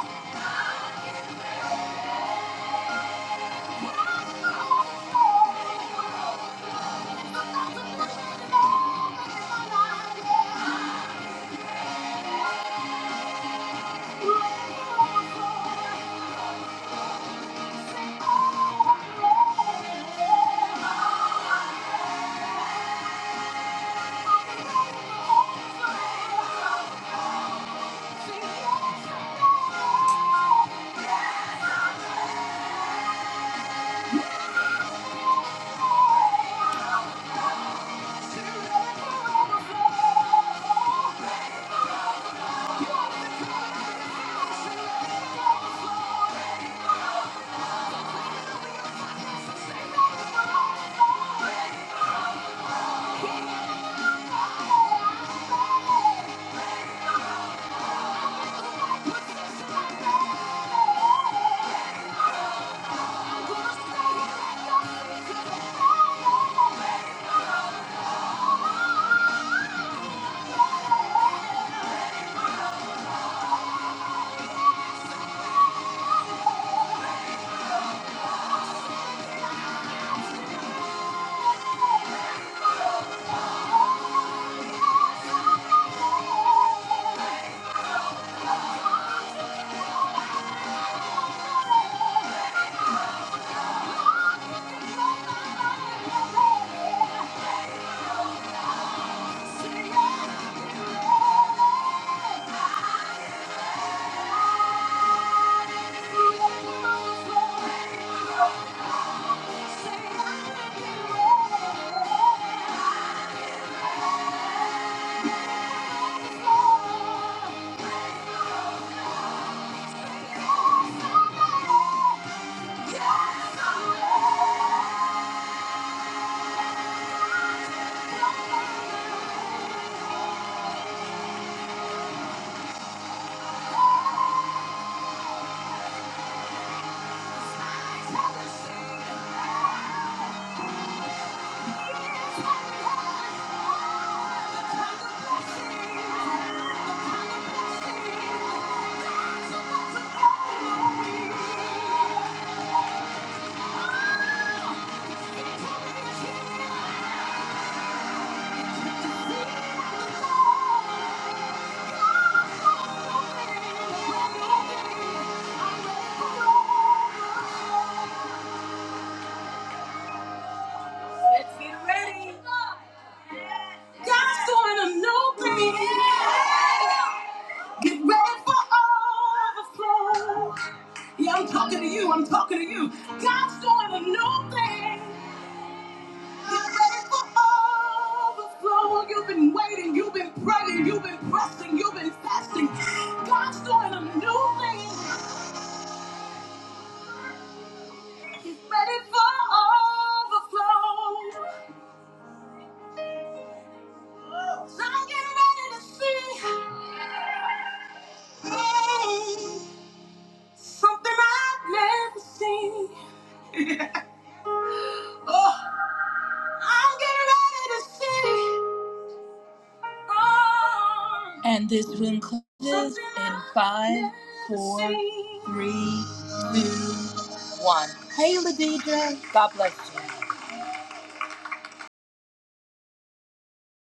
God's doing a new thing. Get ready for overflow. Yeah, I'm talking to you. I'm talking to you. God's doing a new thing. Get ready for overflow. You've been waiting. You've been praying. You've been pressing. You've been fasting. God's doing a new thing. Get ready for overflow. So I'm getting ready to see hey, something I've never seen. Oh, I'm getting ready to see. Oh, and this room closes something in I've five, never four, seen. three, two, one. Hey, Ladidra. God bless you.